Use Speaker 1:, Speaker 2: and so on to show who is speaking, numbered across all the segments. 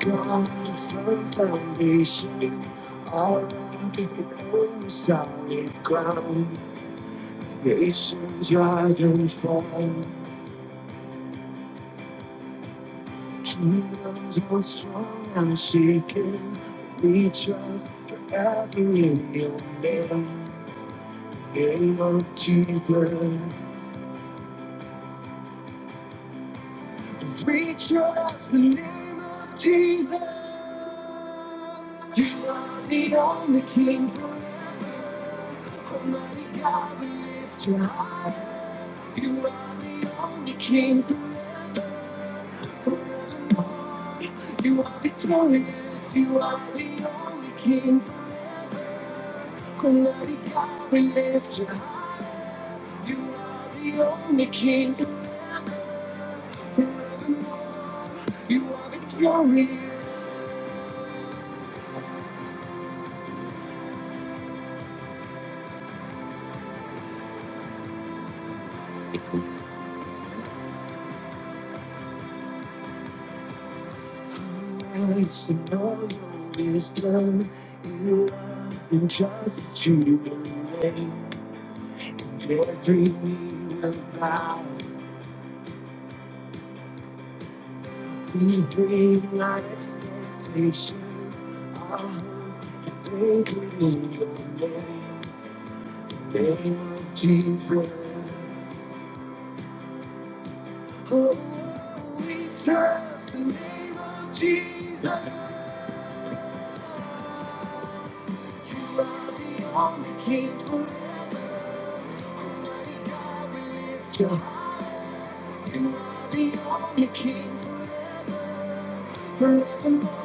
Speaker 1: got a firm foundation, all the own solid ground. Nations rise and fall, kingdoms grow strong and shaken. We trust forever in your name, name of Jesus. Rejoice the name of Jesus. You are the only King forever. Almighty God, we lift you high. You are the only King. forever. You are victorious. You are the only King. Almighty God, we lift you high. You are the only King. forever. You are victorious. And to know your wisdom, you are in justice. you believe. Every need about we bring our expectations. Our hope is anchored in your name, name of Jesus. Oh, we trust the name of Jesus. You are the only King forever. we lift your The only king forevermore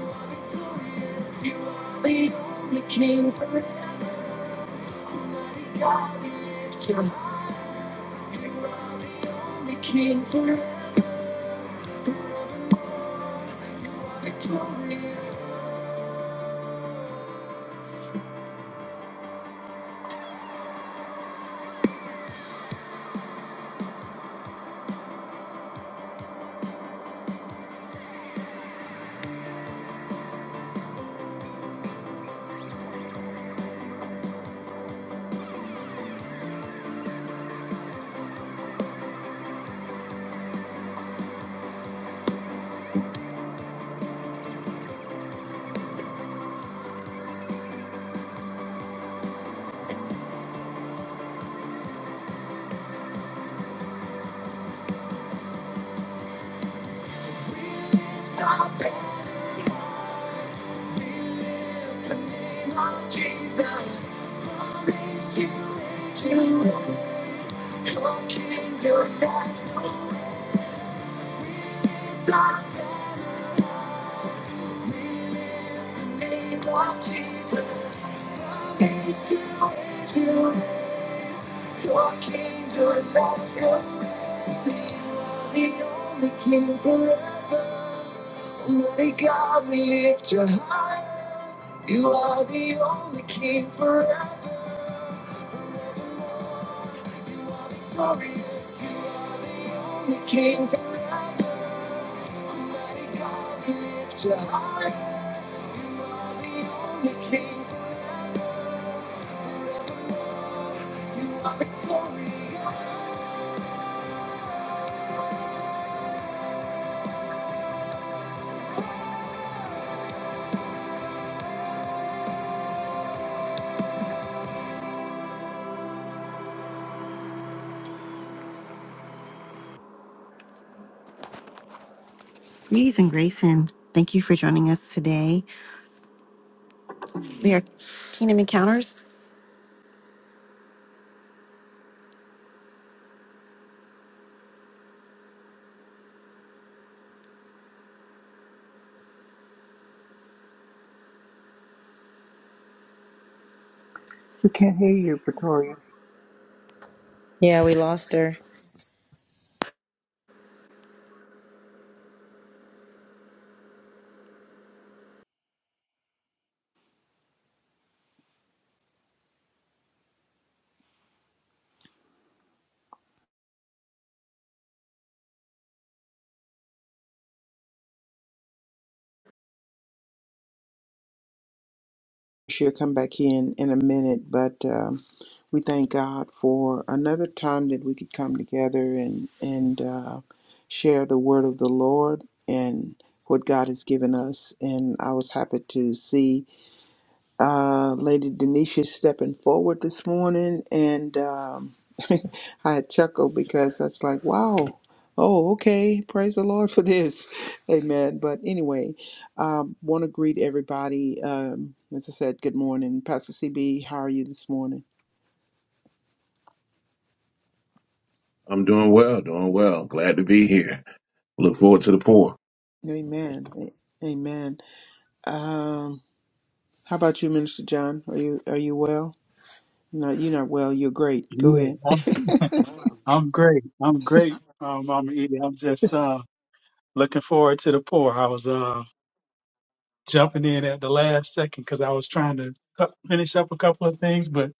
Speaker 1: victorious. You are the only king forever glorious. You are the only king forever victorious. Stop it. We lift the name of Jesus. From this unit to your kingdom has no name of Jesus. Praise you, to your kingdom of love. The only king forever. Only God, we lift you high. You are the only king forever. Victorious. You are the only king forever. Almighty God, we lift you high. You are the only king forever. Greetings and grace, and thank you for joining us today. We are Kingdom Encounters.
Speaker 2: We can't hear you, Pretoria.
Speaker 3: Yeah, we lost her.
Speaker 2: She'll come back in in a minute, but um, we thank God for another time that we could come together and and uh, share the word of the Lord and what God has given us. And I was happy to see. uh, Lady Denisha stepping forward this morning, and um, I chuckled because that's like, wow, oh, okay, praise the Lord for this, amen. But anyway, um, want to greet everybody. Um, as I said, good morning, Pastor CB. How are you this morning?
Speaker 4: I'm doing well, doing well. Glad to be here. Look forward to the pour.
Speaker 2: Amen, A- amen. Um, how about you, Minister John? Are you are you well? No, you're not well. You're great. Go
Speaker 5: Yeah,
Speaker 2: ahead.
Speaker 5: I'm, I'm great. I'm great, um, Mama Edie. I'm just uh, looking forward to the pour. I was uh, jumping in at the last second because I was trying to cut, finish up a couple of things, but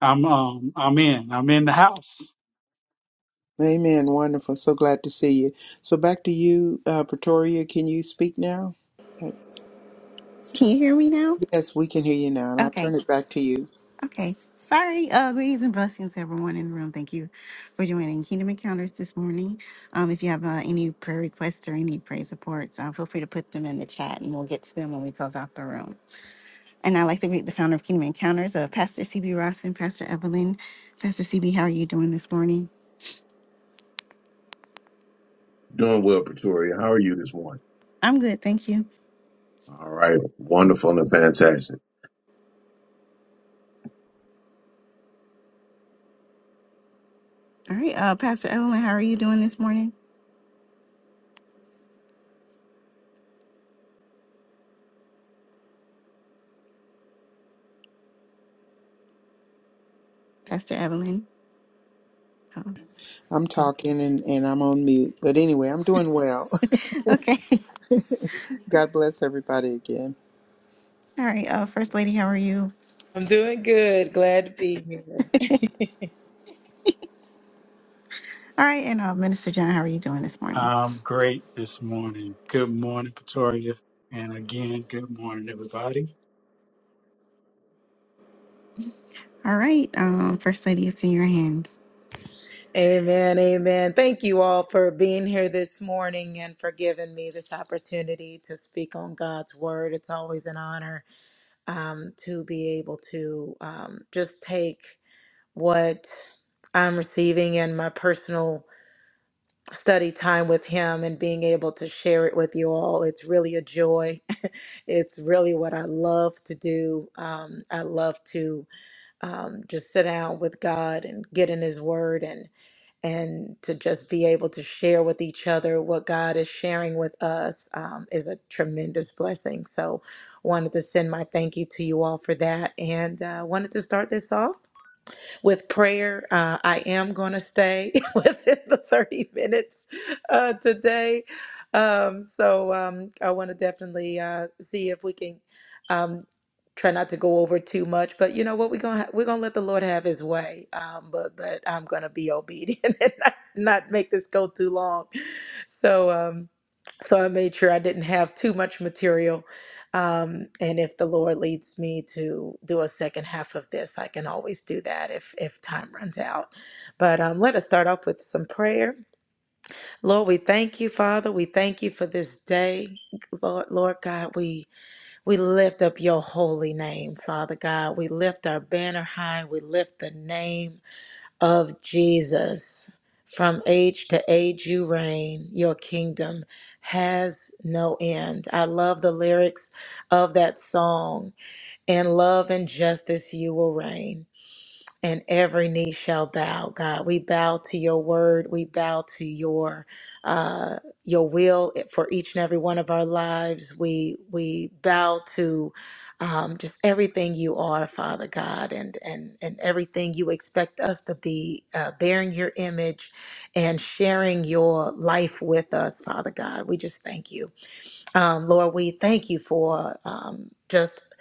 Speaker 5: I'm um, I'm in. I'm in the house.
Speaker 2: Amen. Wonderful. So glad to see you. So back to you, uh, Pretoria. Can you speak now? Uh,
Speaker 1: Can you hear me now?
Speaker 2: Yes, we can hear you now, and I'll
Speaker 1: Okay,
Speaker 2: turn it back to you.
Speaker 1: okay. Sorry. Uh, greetings and blessings, to everyone in the room. Thank you for joining Kingdom Encounters this morning. Um, if you have uh, any prayer requests or any praise reports, uh, feel free to put them in the chat, and we'll get to them when we close out the room. And I'd like to greet the founder of Kingdom Encounters, uh, Pastor CB Ross and Pastor Evelyn. Pastor CB, how are you doing this morning?
Speaker 4: Doing well, Pretoria. How are you this morning?
Speaker 1: I'm good, thank you.
Speaker 4: All right. Wonderful and fantastic.
Speaker 1: All right, uh, Pastor Evelyn, how are you doing this morning? Pastor Evelyn. Oh,
Speaker 2: I'm
Speaker 1: oh.
Speaker 2: talking and, and I'm on mute. But anyway, I'm doing well.
Speaker 1: okay.
Speaker 2: God bless everybody again.
Speaker 1: All right, uh, First Lady, how are you?
Speaker 3: I'm doing good. Glad to be here.
Speaker 1: All right, and uh, Minister John, how are you doing this morning?
Speaker 5: I'm great this morning. Good morning, Pretoria, and again, good morning, everybody.
Speaker 1: All right, um, First Lady, it's in your hands.
Speaker 3: amen. Amen. Thank you all for being here this morning and for giving me this opportunity to speak on God's word. It's always an honor um, to be able to um, just take what I'm receiving in my personal study time with Him and being able to share it with you all. It's really a joy. it's really what I love to do. Um, I love to. um, just sit down with God and get in His Word and and to just be able to share with each other what God is sharing with us um, is a tremendous blessing. So, wanted to send my thank you to you all for that, and uh, wanted to start this off with prayer. Uh, I am going to stay within the 30 minutes uh, today. Um, so um, I want to definitely uh, see if we can um, try not to go over too much. But you know what? We're going to ha- we're going to let the Lord have his way. Um, but, but I'm going to be obedient and not, not make this go too long. So, um, so I made sure I didn't have too much material um, and if the Lord leads me to do a second half of this, I can always do that if if time runs out. But um, let us start off with some prayer. Lord, we thank you, Father. We thank you for this day, Lord. Lord God, we we lift up your holy name, Father God. We lift our banner high. We lift the name of Jesus. From age to age, you reign. Your kingdom has no end. I love the lyrics of that song. In love and justice, you will reign and every knee shall bow god we bow to your word we bow to your uh your will for each and every one of our lives we we bow to um just everything you are father god and and and everything you expect us to be uh, bearing your image and sharing your life with us father god we just thank you um lord we thank you for um just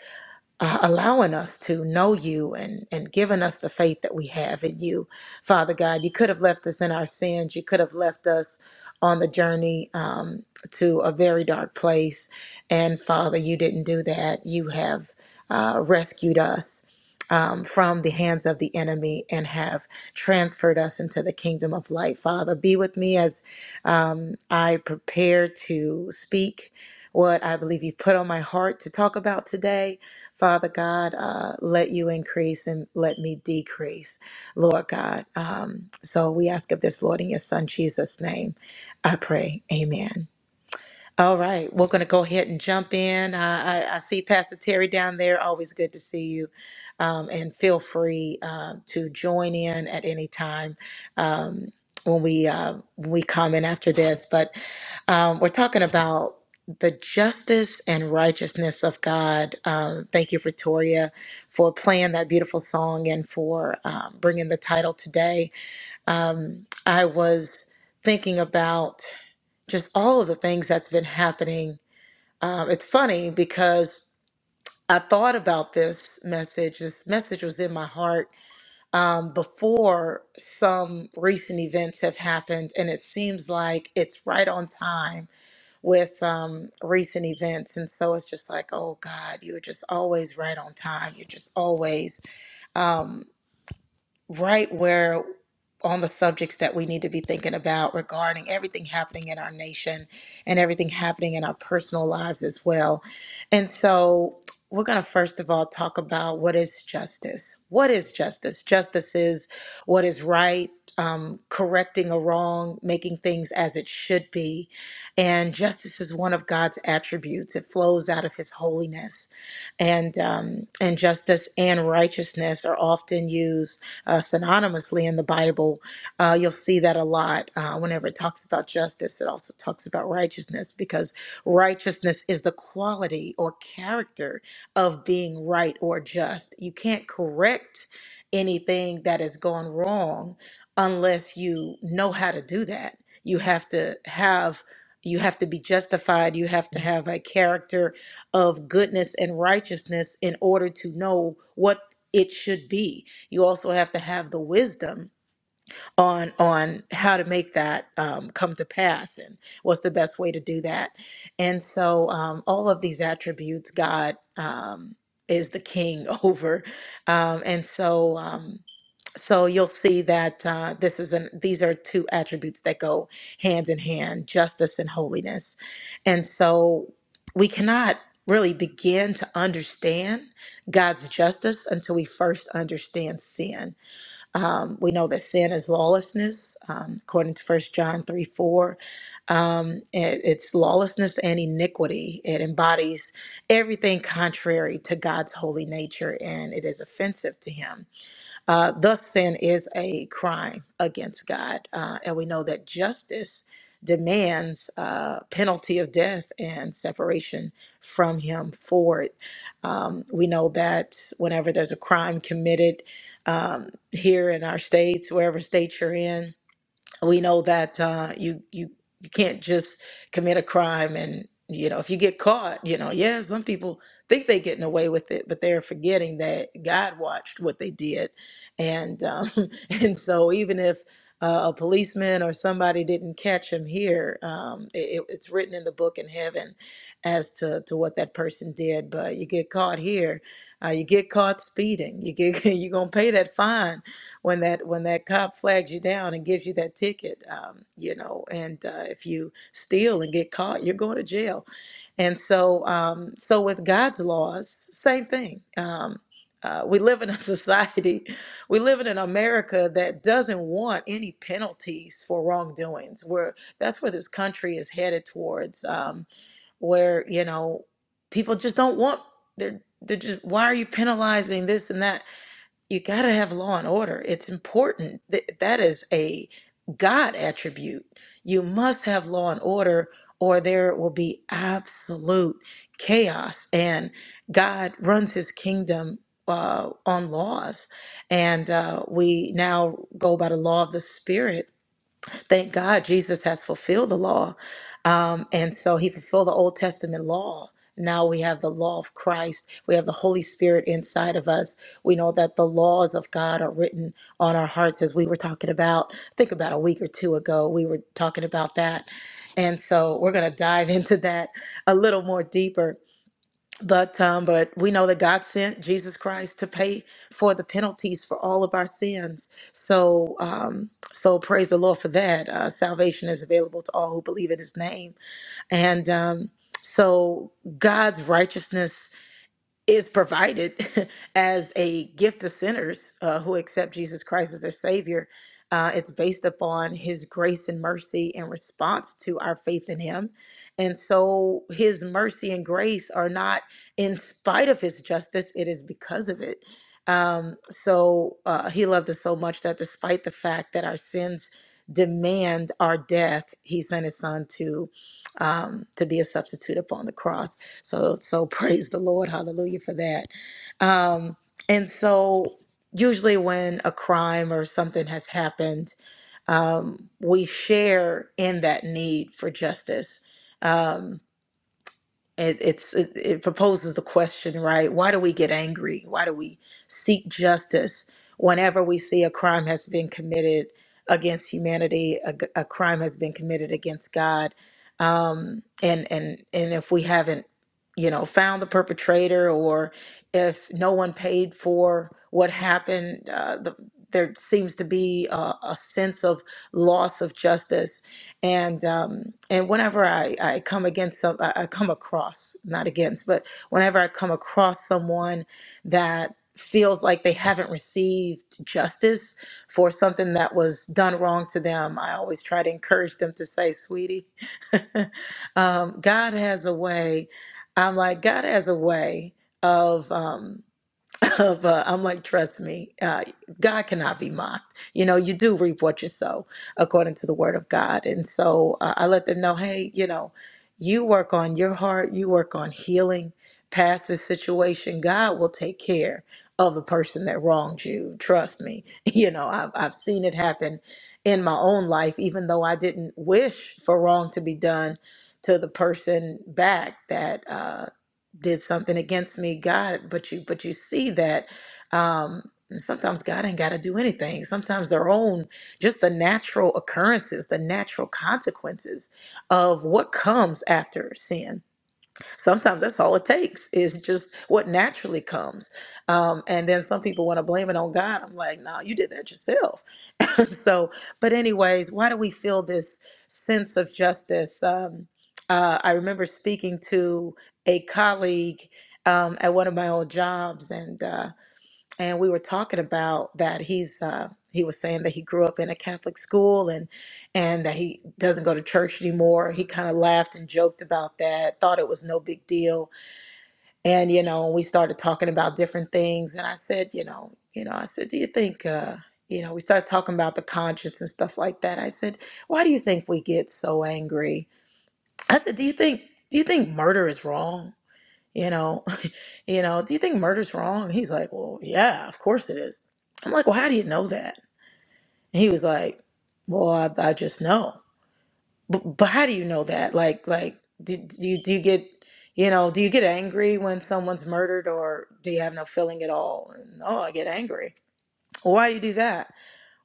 Speaker 3: uh, allowing us to know you and, and giving us the faith that we have in you, Father God. You could have left us in our sins. You could have left us on the journey um, to a very dark place. And Father, you didn't do that. You have uh, rescued us. Um, from the hands of the enemy and have transferred us into the kingdom of light. Father, be with me as um, I prepare to speak what I believe you put on my heart to talk about today Father God, uh, let you increase and let me decrease, Lord God. Um, so we ask of this, Lord, in your Son Jesus' name, I pray. Amen. All right, we're going to go ahead and jump in. Uh, I, I see Pastor Terry down there. Always good to see you. Um, and feel free uh, to join in at any time um, when we uh, when we comment after this. But um, we're talking about the justice and righteousness of God. Um, thank you, Pretoria, for playing that beautiful song and for um, bringing the title today. Um, I was thinking about just all of the things that's been happening. Um, it's funny because I thought about this message. This message was in my heart um, before some recent events have happened, and it seems like it's right on time with um, recent events. And so it's just like, oh God, you're just always right on time. You're just always. Um, right where on the subjects that we need to be thinking about regarding everything happening in our nation and everything happening in our personal lives as well. And so we're going to first of all talk about what is justice. What is justice? Justice is what is right, um, correcting a wrong, making things as it should be. And justice is one of God's attributes, it flows out of his holiness. And, um, and justice and righteousness are often used uh, synonymously in the Bible. Uh, you'll see that a lot uh, whenever it talks about justice. It also talks about righteousness because righteousness is the quality or character of being right or just. You can't correct anything that has gone wrong unless you know how to do that. You have to have you have to be justified. You have to have a character of goodness and righteousness in order to know what it should be you also have to have the wisdom on on how to make that um, come to pass and what's the best way to do that and so um, all of these attributes god um, is the king over um, and so um, so you'll see that uh, this is an these are two attributes that go hand in hand justice and holiness and so we cannot really begin to understand god's justice until we first understand sin um, we know that sin is lawlessness, um, according to First John 3 4. Um, it- it's lawlessness and iniquity. It embodies everything contrary to God's holy nature and it is offensive to Him. Uh, thus, sin is a crime against God, uh, and we know that justice demands uh, penalty of death and separation from Him for it. Um, we know that whenever there's a crime committed um, here in our states, wherever state you're in, we know that uh, you you you can't just commit a crime and you know if you get caught you know yeah some people think they're getting away with it but they're forgetting that god watched what they did and um, and so even if uh, a policeman or somebody didn't catch him here um, it, it's written in the book in heaven as to, to what that person did but you get caught here uh, you get caught speeding you get you're gonna pay that fine when that when that cop flags you down and gives you that ticket, um, you know, and uh, if you steal and get caught, you're going to jail. And so, um, so with God's laws, same thing. Um, uh, we live in a society, we live in an America that doesn't want any penalties for wrongdoings. Where that's where this country is headed towards, um, where you know people just don't want. They're they're just why are you penalizing this and that? you got to have law and order. It's important. Th- that is a God attribute. You must have law and order, or there will be absolute chaos. And God runs his kingdom uh, on laws. And uh, we now go by the law of the Spirit Thank God Jesus has fulfilled the law. Um, and so he fulfilled the Old Testament law. Now we have the law of Christ. We have the Holy Spirit inside of us. We know that the laws of God are written on our hearts, as we were talking about, I think about a week or two ago, we were talking about that. And so we're going to dive into that a little more deeper. But um, but we know that God sent Jesus Christ to pay for the penalties for all of our sins. So um, so praise the Lord for that. Uh, salvation is available to all who believe in His name. And um, so God's righteousness is provided as a gift to sinners uh, who accept Jesus Christ as their Savior. Uh, it's based upon His grace and mercy in response to our faith in Him. And so His mercy and grace are not in spite of His justice, it is because of it. Um, so uh, He loved us so much that despite the fact that our sins demand our death, He sent His Son to. Um, to be a substitute upon the cross. So so praise the Lord, hallelujah for that. Um, and so usually when a crime or something has happened, um, we share in that need for justice. Um, it, it's it, it proposes the question right why do we get angry why do we seek justice whenever we see a crime has been committed against humanity a, g- a crime has been committed against god um, and and and if we haven't you know found the perpetrator or if no one paid for what happened uh, the, there seems to be a, a sense of loss of justice and um, and whenever I, I come against some I, I come across not against but whenever I come across someone that feels like they haven't received justice for something that was done wrong to them I always try to encourage them to say sweetie um, God has a way I'm like God has a way of um, of uh, I'm like, trust me, uh, God cannot be mocked. You know, you do reap what you sow, according to the word of God. And so uh, I let them know, hey, you know, you work on your heart, you work on healing past this situation. God will take care of the person that wronged you. Trust me. You know, I've I've seen it happen in my own life, even though I didn't wish for wrong to be done to the person back that. Uh, did something against me god but you but you see that um sometimes god ain't got to do anything sometimes their own just the natural occurrences the natural consequences of what comes after sin sometimes that's all it takes is just what naturally comes um, and then some people want to blame it on god i'm like no you did that yourself so but anyways why do we feel this sense of justice um, uh, i remember speaking to a colleague um, at one of my old jobs and uh, and we were talking about that he's uh, he was saying that he grew up in a catholic school and and that he doesn't go to church anymore he kind of laughed and joked about that thought it was no big deal and you know we started talking about different things and i said you know you know i said do you think uh you know we started talking about the conscience and stuff like that i said why do you think we get so angry i said do you think do you think murder is wrong you know you know do you think murder's wrong And he's like well yeah of course it is i'm like well how do you know that and he was like well i, I just know but, but how do you know that? Like, like, do, do you do you get, you know, do you get angry when someone's murdered, or do you have no feeling at all? No, I get angry. Why do you do that?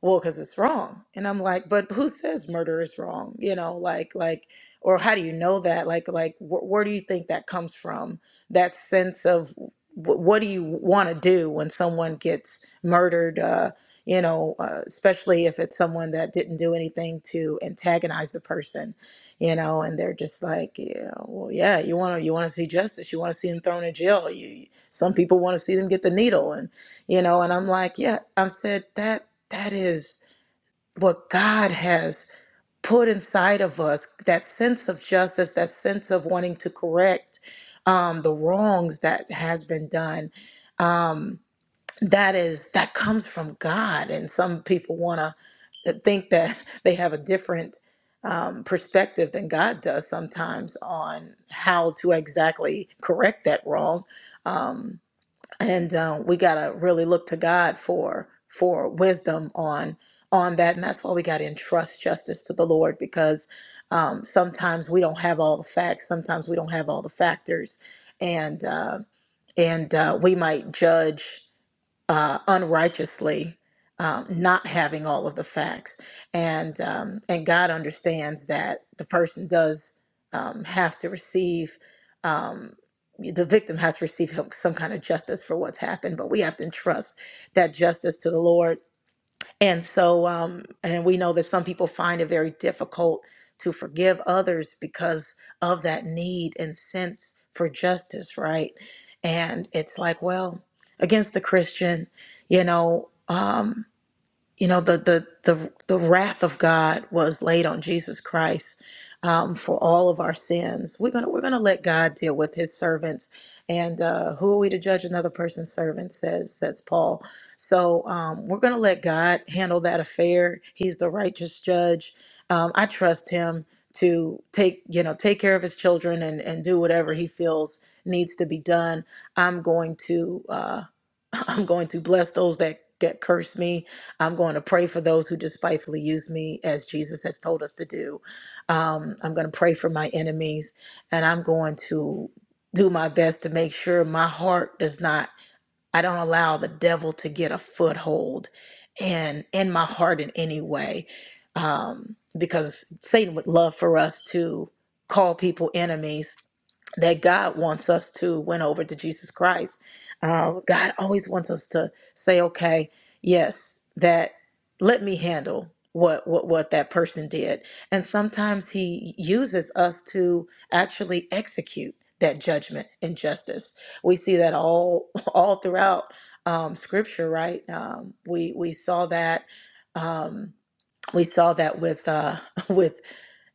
Speaker 3: well because it's wrong and i'm like but who says murder is wrong you know like like or how do you know that like like wh- where do you think that comes from that sense of wh- what do you want to do when someone gets murdered uh you know uh, especially if it's someone that didn't do anything to antagonize the person you know and they're just like yeah well yeah you want to you want to see justice you want to see them thrown in jail you some people want to see them get the needle and you know and i'm like yeah i said that that is what God has put inside of us that sense of justice, that sense of wanting to correct um, the wrongs that has been done. Um, that is that comes from God, and some people want to think that they have a different um, perspective than God does sometimes on how to exactly correct that wrong. Um, and um, we gotta really look to God for for wisdom on on that, and that's why we gotta entrust justice to the Lord because um, sometimes we don't have all the facts, sometimes we don't have all the factors, and uh, and uh, we might judge uh, unrighteously, um, not having all of the facts, and um, and God understands that the person does um, have to receive. Um, the victim has to receive help- some kind of justice for what's happened, but we have to entrust that justice to the Lord and so, um, and we know that some people find it very difficult to forgive others because of that need and sense for justice, right? And it's like, well, against the Christian, you know. Um, you know the the the, the wrath of god was laid on jesus christ um, for all of our sins we're gonna we're gonna let god deal with his servants and uh, who are we to judge another person's servant says says paul so um, we're gonna let god handle that affair he's the righteous judge um, i trust him to take you know take care of his children and and do whatever he feels needs to be done i'm going to uh, I'm going to bless those that that curse me. I'm going to pray for those who despitefully use me, as Jesus has told us to do. Um, I'm going to pray for my enemies, and I'm going to do my best to make sure my heart does not I don't allow the devil to get a foothold and in my heart in any way. Um, because Satan would love for us to call people enemies that God wants us to win over to Jesus Christ. Uh, God always wants us to say, okay, yes, that let me handle what, what what that person did. And sometimes he uses us to actually execute that judgment and justice. We see that all all throughout um, scripture right um, we we saw that um, we saw that with uh, with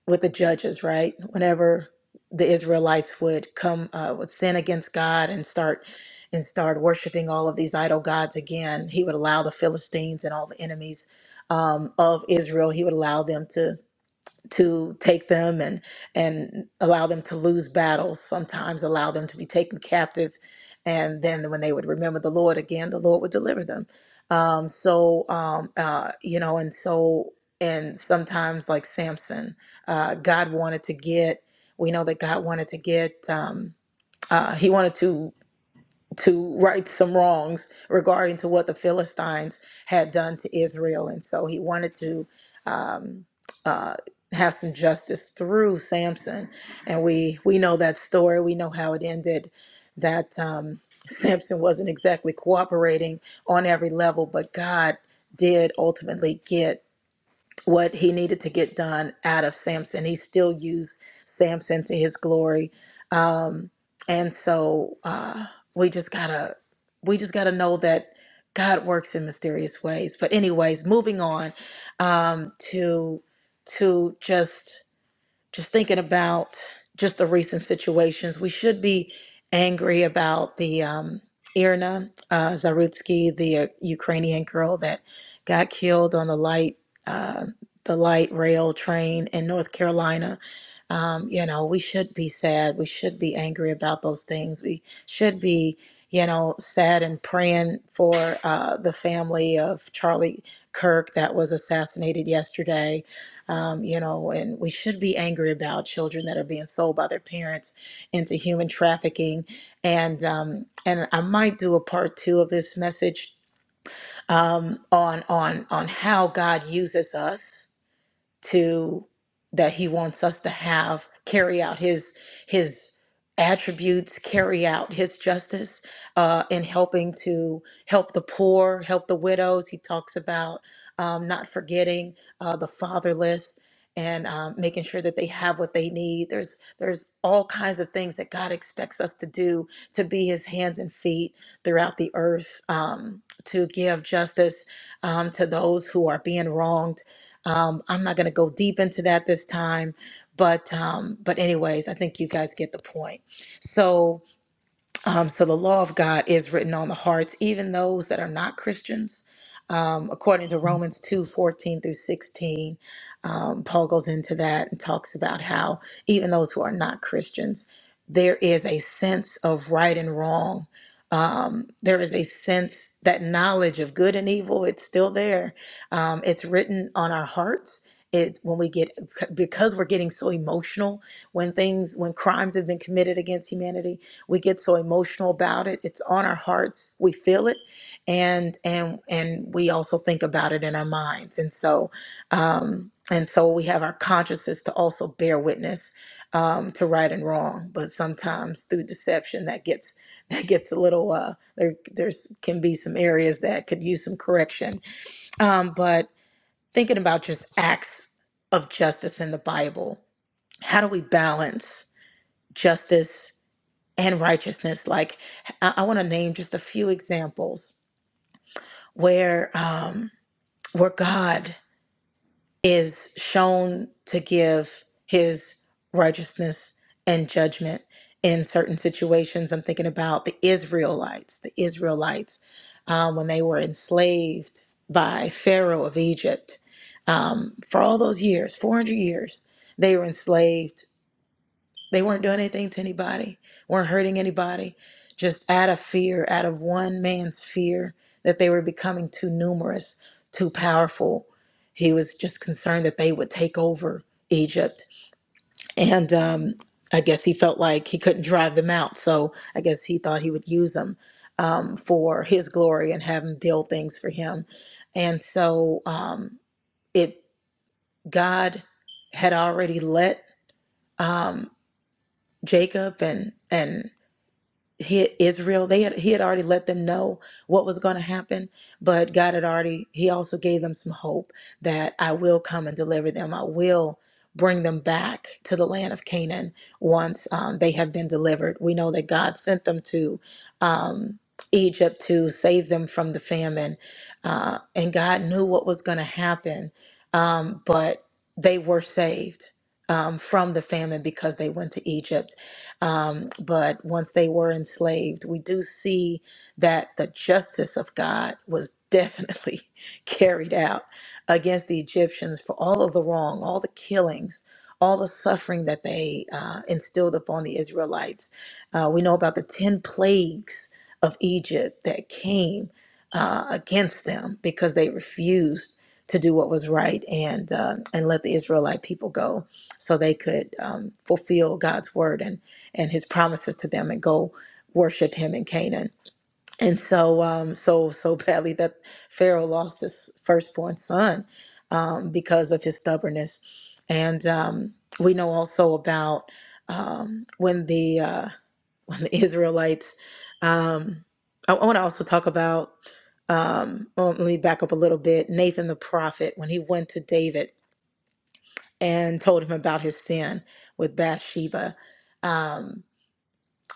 Speaker 3: with the judges right whenever the Israelites would come uh, would sin against God and start and start worshiping all of these idol gods again he would allow the Philistines and all the enemies um, of Israel he would allow them to to take them and and allow them to lose battles sometimes allow them to be taken captive and then when they would remember the lord again the lord would deliver them um, so um, uh, you know and so and sometimes like samson uh, god wanted to get we know that god wanted to get um, uh, he wanted to to right some wrongs regarding to what the Philistines had done to Israel, and so he wanted to um, uh, have some justice through Samson. And we we know that story. We know how it ended. That um, Samson wasn't exactly cooperating on every level, but God did ultimately get what he needed to get done out of Samson. He still used Samson to his glory. Um, and so uh, we just gotta we just gotta know that God works in mysterious ways. But anyways, moving on um, to to just just thinking about just the recent situations. We should be angry about the um, Irina uh, Zarutsky, the uh, Ukrainian girl that got killed on the light uh, the light rail train in North Carolina. Um, you know, we should be sad. We should be angry about those things. We should be, you know, sad and praying for uh, the family of Charlie Kirk that was assassinated yesterday um, you know, and we should be angry about children that are being sold by their parents into human trafficking. And um, and I might do a part two of this message um, on on on how God uses us to that he wants us to have carry out his his attributes carry out his justice uh, in helping to help the poor help the widows he talks about um, not forgetting uh, the fatherless and um, making sure that they have what they need there's there's all kinds of things that god expects us to do to be his hands and feet throughout the earth um, to give justice um, to those who are being wronged um, I'm not going to go deep into that this time, but um, but anyways, I think you guys get the point. So um, so the law of God is written on the hearts, even those that are not Christians. Um, according to Romans 2 14 through 16, um, Paul goes into that and talks about how even those who are not Christians, there is a sense of right and wrong. Um, there is a sense that knowledge of good and evil, it's still there. Um, it's written on our hearts. It, when we get because we're getting so emotional when things when crimes have been committed against humanity we get so emotional about it it's on our hearts we feel it and and and we also think about it in our minds and so um and so we have our consciences to also bear witness um to right and wrong but sometimes through deception that gets that gets a little uh there there's can be some areas that could use some correction um but thinking about just acts of justice in the bible how do we balance justice and righteousness. Like I, I want to name just a few examples where um, where God is shown to give His righteousness and judgment in certain situations. I'm thinking about the Israelites. The Israelites um, when they were enslaved by Pharaoh of Egypt um, for all those years, 400 years, they were enslaved. They weren't doing anything to anybody, weren't hurting anybody, just out of fear, out of one man's fear that they were becoming too numerous, too powerful. He was just concerned that they would take over Egypt. And um, I guess he felt like he couldn't drive them out. So I guess he thought he would use them um, for his glory and have them build things for him. And so um, it, God had already let um, Jacob and and hit Israel. They had he had already let them know what was going to happen, but God had already he also gave them some hope that I will come and deliver them. I will bring them back to the land of Canaan once um, they have been delivered. We know that God sent them to um, Egypt to save them from the famine, uh, and God knew what was going to happen, um, but they were saved. Um, from the famine because they went to Egypt um, but once they were enslaved, we do see that the justice of God was definitely carried out against the Egyptians for all of the wrong, all the killings. All the suffering that they uh, instilled upon the Israelites. Uh, we know about the 10 plagues of Egypt that came uh, against them because they refused to do what was right and uh, and let the Israelite people go so they could um, fulfill God's word and and his promises to them and go worship him in Canaan. And so, um, so, so badly that Pharaoh lost his firstborn son um, because of his stubbornness. And um, we know also about um, when the uh, when the Israelites. Um, I, I want to also talk about. Um, well, let me back up a little bit. Nathan the prophet, when he went to David and told him about his sin with Bathsheba, Um,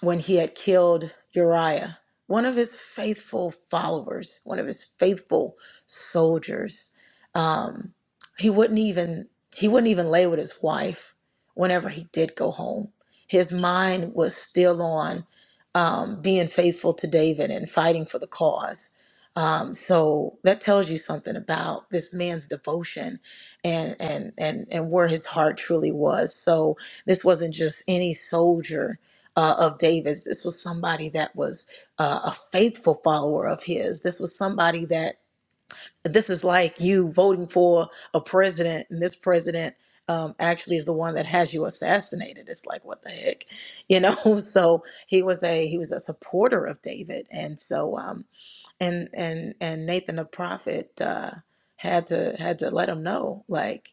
Speaker 3: when he had killed Uriah, one of his faithful followers, one of his faithful soldiers. Um, he wouldn't even he wouldn't even lay with his wife whenever he did go home. His mind was still on um, being faithful to David and fighting for the cause. Um, so that tells you something about this man's devotion and and and and where his heart truly was. So this wasn't just any soldier uh, of David's. This was somebody that was uh, a faithful follower of his. This was somebody that this is like you voting for a president, and this president um, actually is the one that has you assassinated. It's like what the heck, you know? So he was a he was a supporter of David, and so. Um, and and and Nathan the prophet uh, had to had to let him know like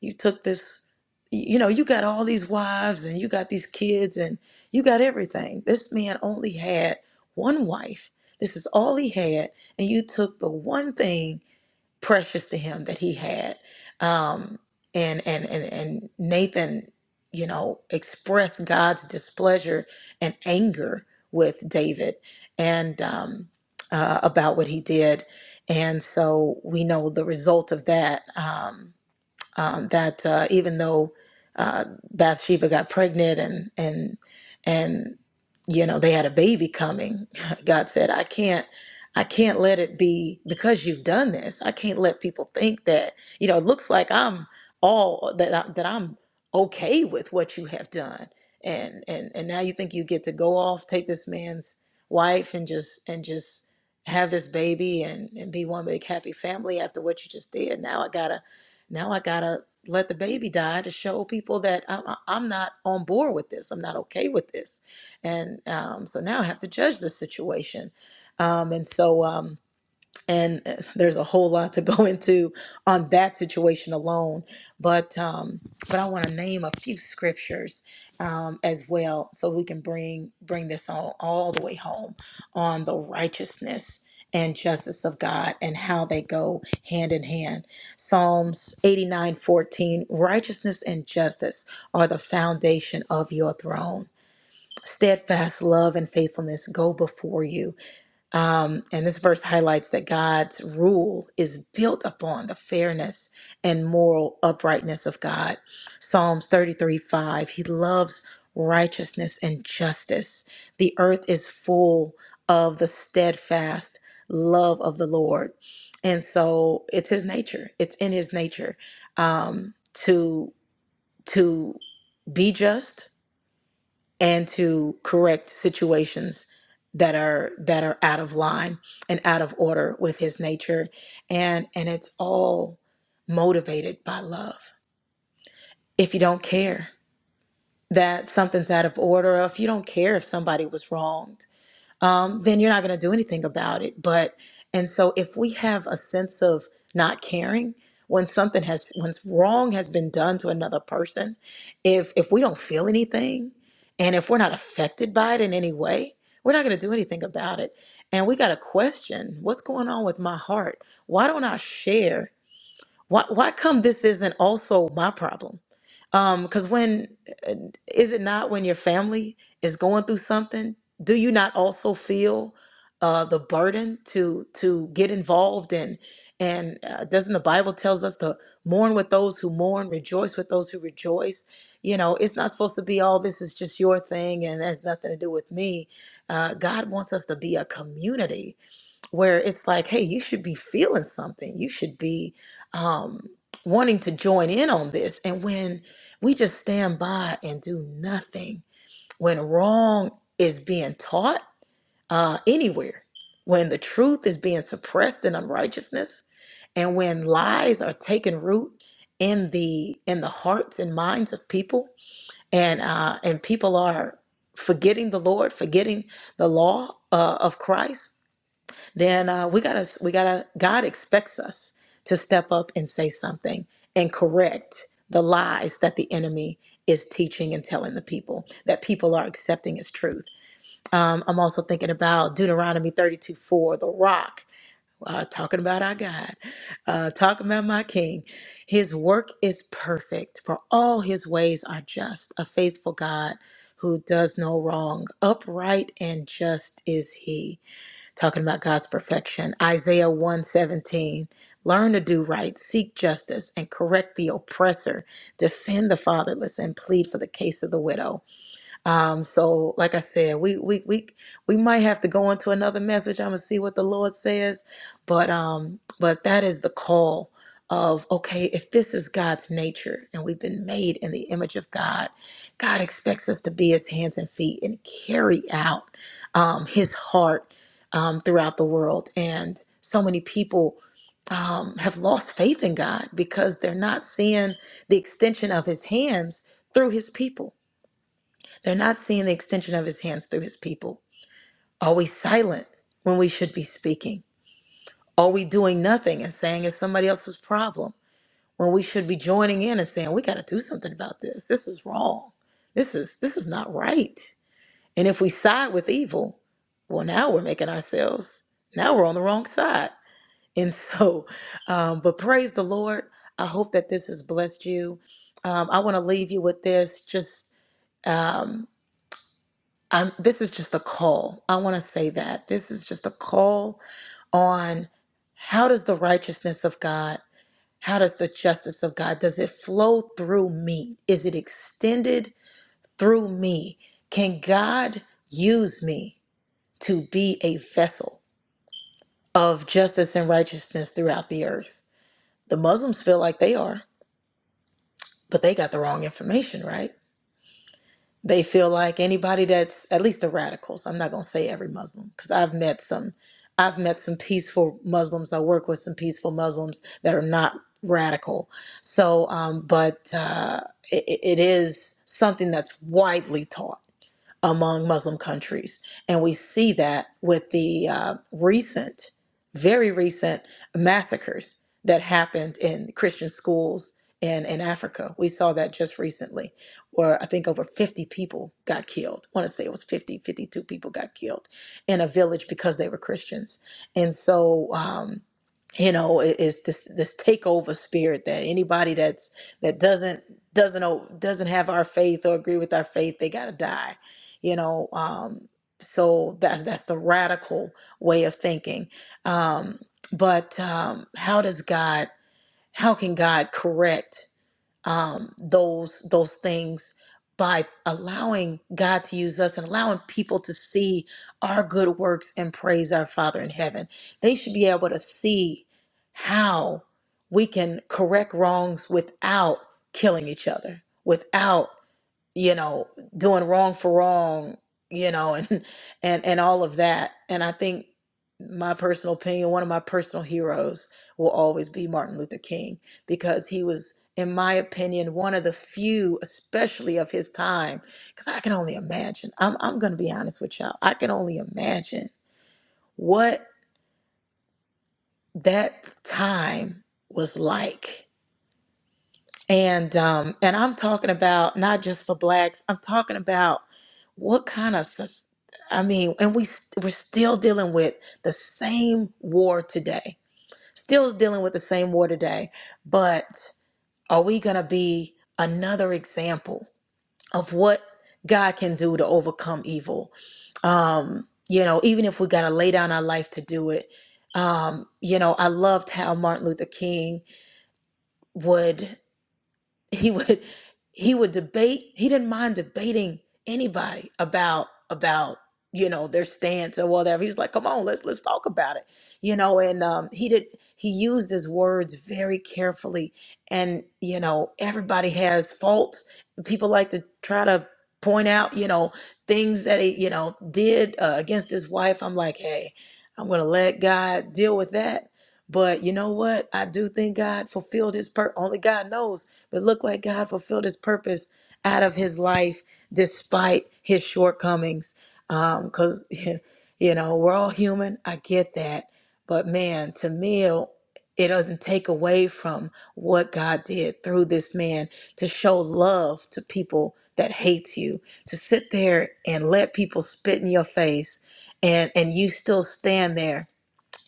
Speaker 3: you took this you know you got all these wives and you got these kids and you got everything this man only had one wife this is all he had and you took the one thing precious to him that he had. Um, and, and, and, and Nathan, you know, expressed God's displeasure and anger with David and um, uh, about what he did. And so we know the result of that. Um, um, that uh, even though uh, Bathsheba got pregnant and and and you know they had a baby coming, God said, "I can't." I can't let it be because you've done this. I can't let people think that you know it looks like I'm all that I, that I'm okay with what you have done, and and and now you think you get to go off, take this man's wife, and just and just have this baby and and be one big happy family after what you just did. Now I gotta now I gotta let the baby die to show people that I'm, I'm not on board with this. I'm not okay with this. And um, so now I have to judge the situation. Um, and so, um, and uh, there's a whole lot to go into on that situation alone but um but i want to name a few scriptures um as well so we can bring bring this on all the way home on the righteousness and justice of god and how they go hand in hand psalms 89:14, righteousness and justice are the foundation of your throne steadfast love and faithfulness go before you um, and this verse highlights that God's rule is built upon the fairness and moral uprightness of God. Psalms 33 5, He loves righteousness and justice. The earth is full of the steadfast love of the Lord. And so it's His nature, it's in His nature um, to, to be just and to correct situations that are that are out of line and out of order with his nature and and it's all motivated by love if you don't care that something's out of order or if you don't care if somebody was wrong um, then you're not going to do anything about it. But, and so if we have a sense of not caring, when something has, when wrong has been done to another person, if, if we don't feel anything and if we're not affected by it in any way, we're not going to do anything about it. And we got to question what's going on with my heart? Why don't I share? Why, why come this isn't also my problem? Because when is it not when your family is going through something? Do you not also feel uh, the burden to to get involved in? And uh, doesn't the Bible tells us to mourn with those who mourn, rejoice with those who rejoice? You know, it's not supposed to be all this is just your thing and has nothing to do with me. Uh, God wants us to be a community where it's like, hey, you should be feeling something. You should be um, wanting to join in on this. And when we just stand by and do nothing, when wrong is being taught uh, anywhere, when the truth is being suppressed in unrighteousness, and when lies are taking root in the in the hearts and minds of people, and uh, and people are forgetting the Lord, forgetting the law uh, of Christ then uh, we gotta we gotta god expects us to step up and say something and correct the lies that the enemy is teaching and telling the people that people are accepting as truth um, i'm also thinking about deuteronomy 32 4 the rock uh, talking about our god uh, talking about my king his work is perfect for all his ways are just a faithful god who does no wrong upright and just is he talking about God's perfection. Isaiah 117. Learn to do right, seek justice, and correct the oppressor, defend the fatherless, and plead for the case of the widow. Um, so, like I said, we we we we might have to go into another message. I'm gonna see what the Lord says, but um, but that is the call of okay, if this is God's nature and we've been made in the image of God, God expects us to be His hands and feet and carry out um, His heart um, throughout the world. And so many people um, have lost faith in God because they're not seeing the extension of His hands through His people they're not seeing the extension of his hands through his people. Are we silent when we should be speaking? Are we doing nothing and saying it's somebody else's problem when we should be joining in and saying we got to do something about this? This is wrong. This is this is not right. And if we side with evil, well, now we're making ourselves now we're on the wrong side. And so, um, but praise the Lord. I hope that this has blessed you. Um, I want to leave you with this. Just um, Um, this is just a call. I want to say that. This is just a call on how does the righteousness of God, how does the justice of God, does it flow through me? Is it extended through me? Can God use me to be a vessel of justice and righteousness throughout the earth? The Muslims feel like they are, but they got the wrong information, right? They feel like anybody that's at least the radicals. I'm not gonna say every Muslim because I've met some. I've met some peaceful Muslims. I work with some peaceful Muslims that are not radical. So, um, but uh, it, it is something that's widely taught among Muslim countries. And we see that with the uh, recent, very recent massacres that happened in Christian schools in, in Africa. We saw that just recently, where I think over 50 people got killed. I want to say it was 50, 52 people got killed in a village because they were Christians. And so, um, you know, it, it's this this takeover spirit that anybody that's that doesn't doesn't o- doesn't have our faith or agree with our faith, they gotta die you know um so that's that's the radical way of thinking um but um how does god how can god correct um those those things by allowing God to use us and allowing people to see our good works and praise our Father in heaven. They should be able to see how we can correct wrongs without killing each other, without you know doing wrong for wrong you know and and and all of that and i think my personal opinion one of my personal heroes will always be martin luther king because he was in my opinion one of the few especially of his time because i can only imagine i'm, I'm going to be honest with y'all i can only imagine what that time was like And um, and I'm talking about not just for blacks. I'm talking about what kind of sus- I mean, and we st- we're still dealing with the same war today. Still dealing with the same war today. But are we going to be another example of what God can do to overcome evil? Um, you know, even if we got to lay down our life to do it. Um, you know, I loved how Martin Luther King would he would he would debate he didn't mind debating anybody about about you know their stance or whatever he's like come on let's let's talk about it you know and um, he did he used his words very carefully and you know everybody has faults people like to try to point out you know things that he you know did uh, against his wife i'm like hey i'm gonna let god deal with that but you know what i do think god fulfilled his per only god knows but looked like God fulfilled his purpose out of his life despite his shortcomings. Because, you know, we're all human. I get that. But man, to me, it'll, it doesn't take away from what God did through this man to show love to people that hate you, to sit there and let people spit in your face and, and you still stand there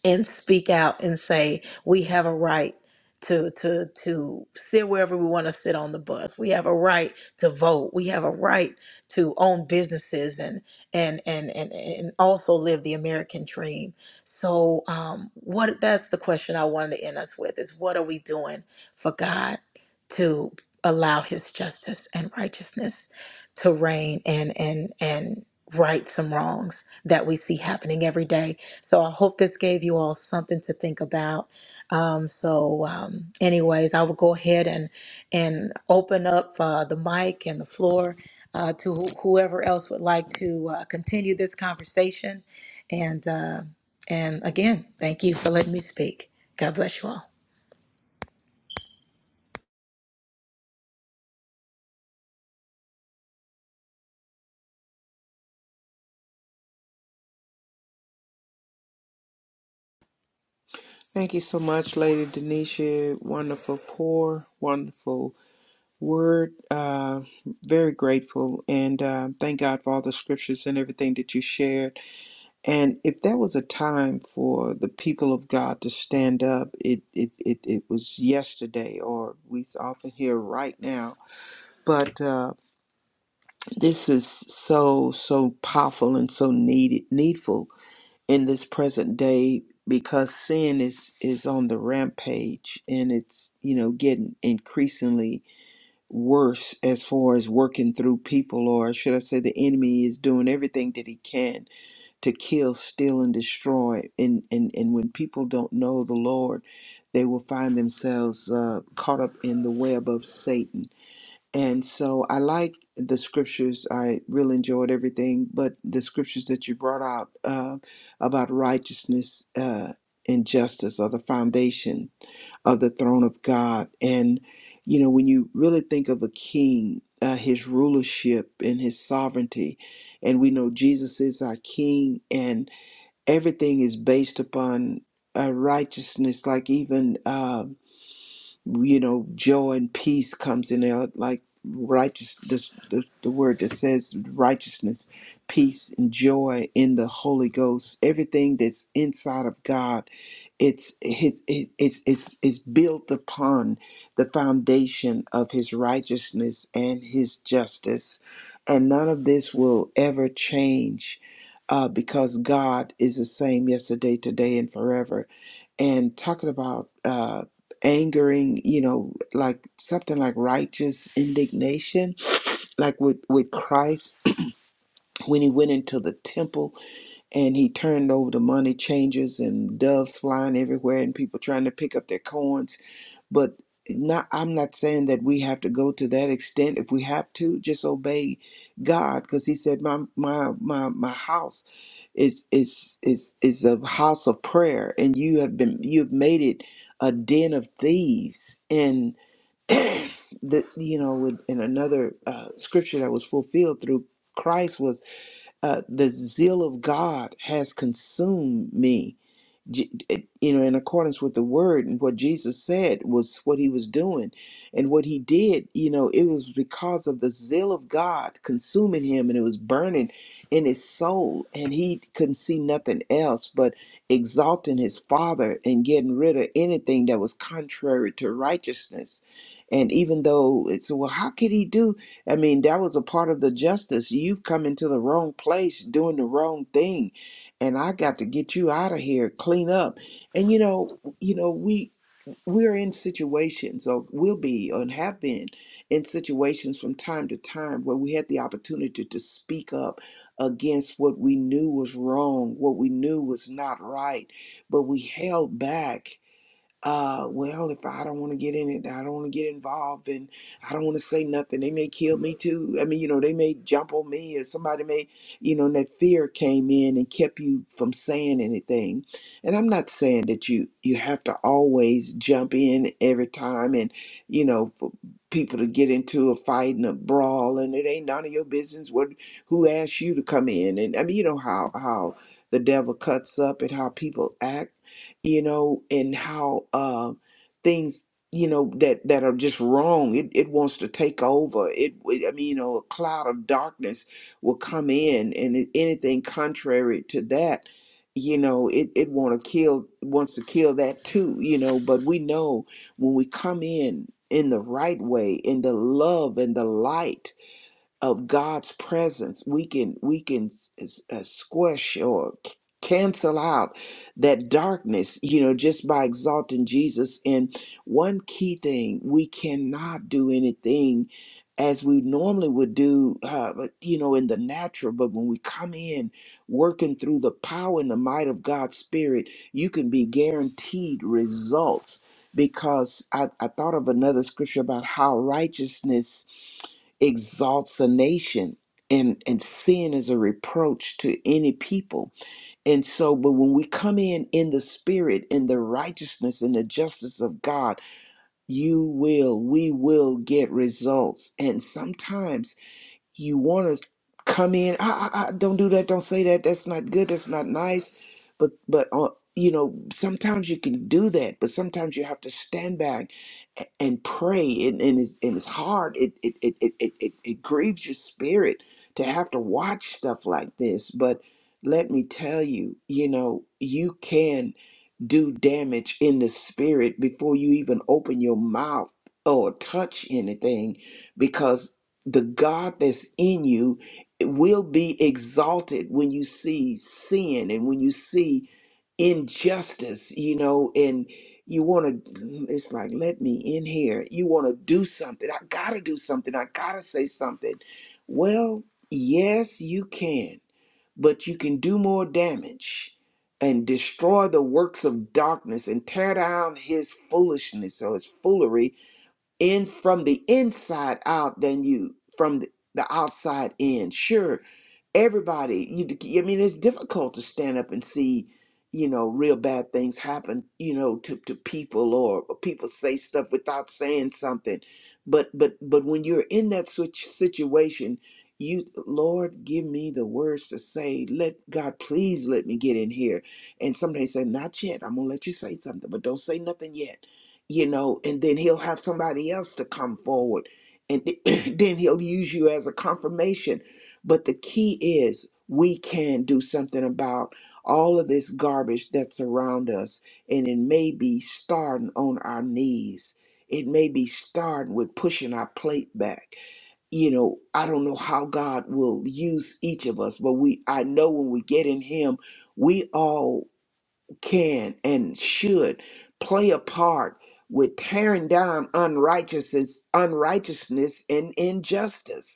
Speaker 3: and speak out and say we have a right to to to sit wherever we want to sit on the bus. We have a right to vote. We have a right to own businesses and and and and, and also live the American dream. So um, what that's the question I wanted to end us with is what are we doing for God to allow His justice and righteousness to reign and and and right some wrongs that we see happening every day so I hope this gave you all something to think about. Um, so, um, anyways, I will go ahead and and open up uh, the mic and the floor uh, to wh- whoever else would like to uh, continue this conversation. And uh, and again, thank you for letting me speak. God bless you all.
Speaker 2: Thank you so much, Lady Denisha. Wonderful pour, wonderful word. Uh, very grateful. And uh, thank God for all the scriptures and everything that you shared. And if there was a time for the people of God to stand up, it it, it, it was yesterday, or we often hear right now. But uh, this is so so powerful and so needed needful in this present day because sin is is on the rampage and it's you know getting increasingly worse as far as working through people or should I say the enemy is doing everything that he can to kill, steal, and destroy. And, and, and when people don't know the Lord, they will find themselves uh, caught up in the web of Satan. And so I like the scriptures. I really enjoyed everything, but the scriptures that you brought out uh, about righteousness uh, and justice are the foundation of the throne of God. And, you know, when you really think of a king, uh, his rulership and his sovereignty, and we know Jesus is our king, and everything is based upon uh, righteousness like even um you know joy and peace comes in there like righteous this, the, the word that says righteousness peace and joy in the holy ghost everything that's inside of god it's his it- it's it's it's built upon the foundation of his righteousness and his justice and none of this will ever change uh, because god is the same yesterday today and forever and talking about uh, angering you know like something like righteous indignation like with with christ when he went into the temple and he turned over the money changers and doves flying everywhere and people trying to pick up their coins but not i'm not saying that we have to go to that extent if we have to just obey god because he said my my my my house is is is is a house of prayer and you have been you've made it a den of thieves and that you know with in another uh, scripture that was fulfilled through christ was uh, the zeal of god has consumed me Je- you know, in accordance with the word and what Jesus said was what he was doing and what he did, you know, it was because of the zeal of God consuming him and it was burning in his soul and he couldn't see nothing else but exalting his father and getting rid of anything that was contrary to righteousness. And even though it's, well, how could he do? I mean, that was a part of the justice. You've come into the wrong place doing the wrong thing and I got to get you out of here, clean up. And you know, you know, we we're in situations or will be and have been in situations from time to time where we had the opportunity to speak up against what we knew was wrong, what we knew was not right, but we held back uh, well, if I don't want to get in it, I don't want to get involved, and I don't want to say nothing. They may kill me too. I mean, you know, they may jump on me, or somebody may, you know, and that fear came in and kept you from saying anything. And I'm not saying that you you have to always jump in every time, and you know, for people to get into a fight and a brawl, and it ain't none of your business what who asked you to come in. And I mean, you know how how the devil cuts up and how people act you know, and how um things, you know, that that are just wrong. It it wants to take over. It, it I mean, you know, a cloud of darkness will come in, and it- anything contrary to that, you know, it it want to kill wants to kill that too, you know. But we know when we come in in the right way, in the love and the light of God's presence, we can we can s- s- uh, squish or c- cancel out that darkness, you know, just by exalting Jesus. And one key thing, we cannot do anything as we normally would do, uh, but, you know, in the natural. But when we come in, working through the power and the might of God's Spirit, you can be guaranteed results. Because I, I thought of another scripture about how righteousness exalts a nation and and sin is a reproach to any people and so but when we come in in the spirit in the righteousness and the justice of god you will we will get results and sometimes you want to come in I, I, I don't do that don't say that that's not good that's not nice but but uh, you know sometimes you can do that but sometimes you have to stand back a- and pray and, and, it's, and it's hard it it, it, it, it it it grieves your spirit to have to watch stuff like this but let me tell you you know you can do damage in the spirit before you even open your mouth or touch anything the God that's in you will be exalted when you see sin and when you see injustice, you know, and you want to, it's like, let me in here. You want to do something. I got to do something. I got to say something. Well, yes, you can, but you can do more damage and destroy the works of darkness and tear down his foolishness or his foolery in from the inside out than you from the the outside in. Sure, everybody you i mean it's difficult to stand up and see you know real bad things happen you know to, to people or people say stuff without saying something but but but when you're in that such situation you lord give me the words to say let god please let me get in here and somebody say not yet i'm gonna let you say something but don't say nothing yet you know and then he'll have somebody else to come forward and then he'll use you as a confirmation but the key is we can do something about all of this garbage that's around us. And it may be starting on our knees. It may be starting with pushing our plate back. You know, I don't know how God will use each of us, but we I know when we get in him, we all can and should play a part with tearing down unrighteousness, unrighteousness and injustice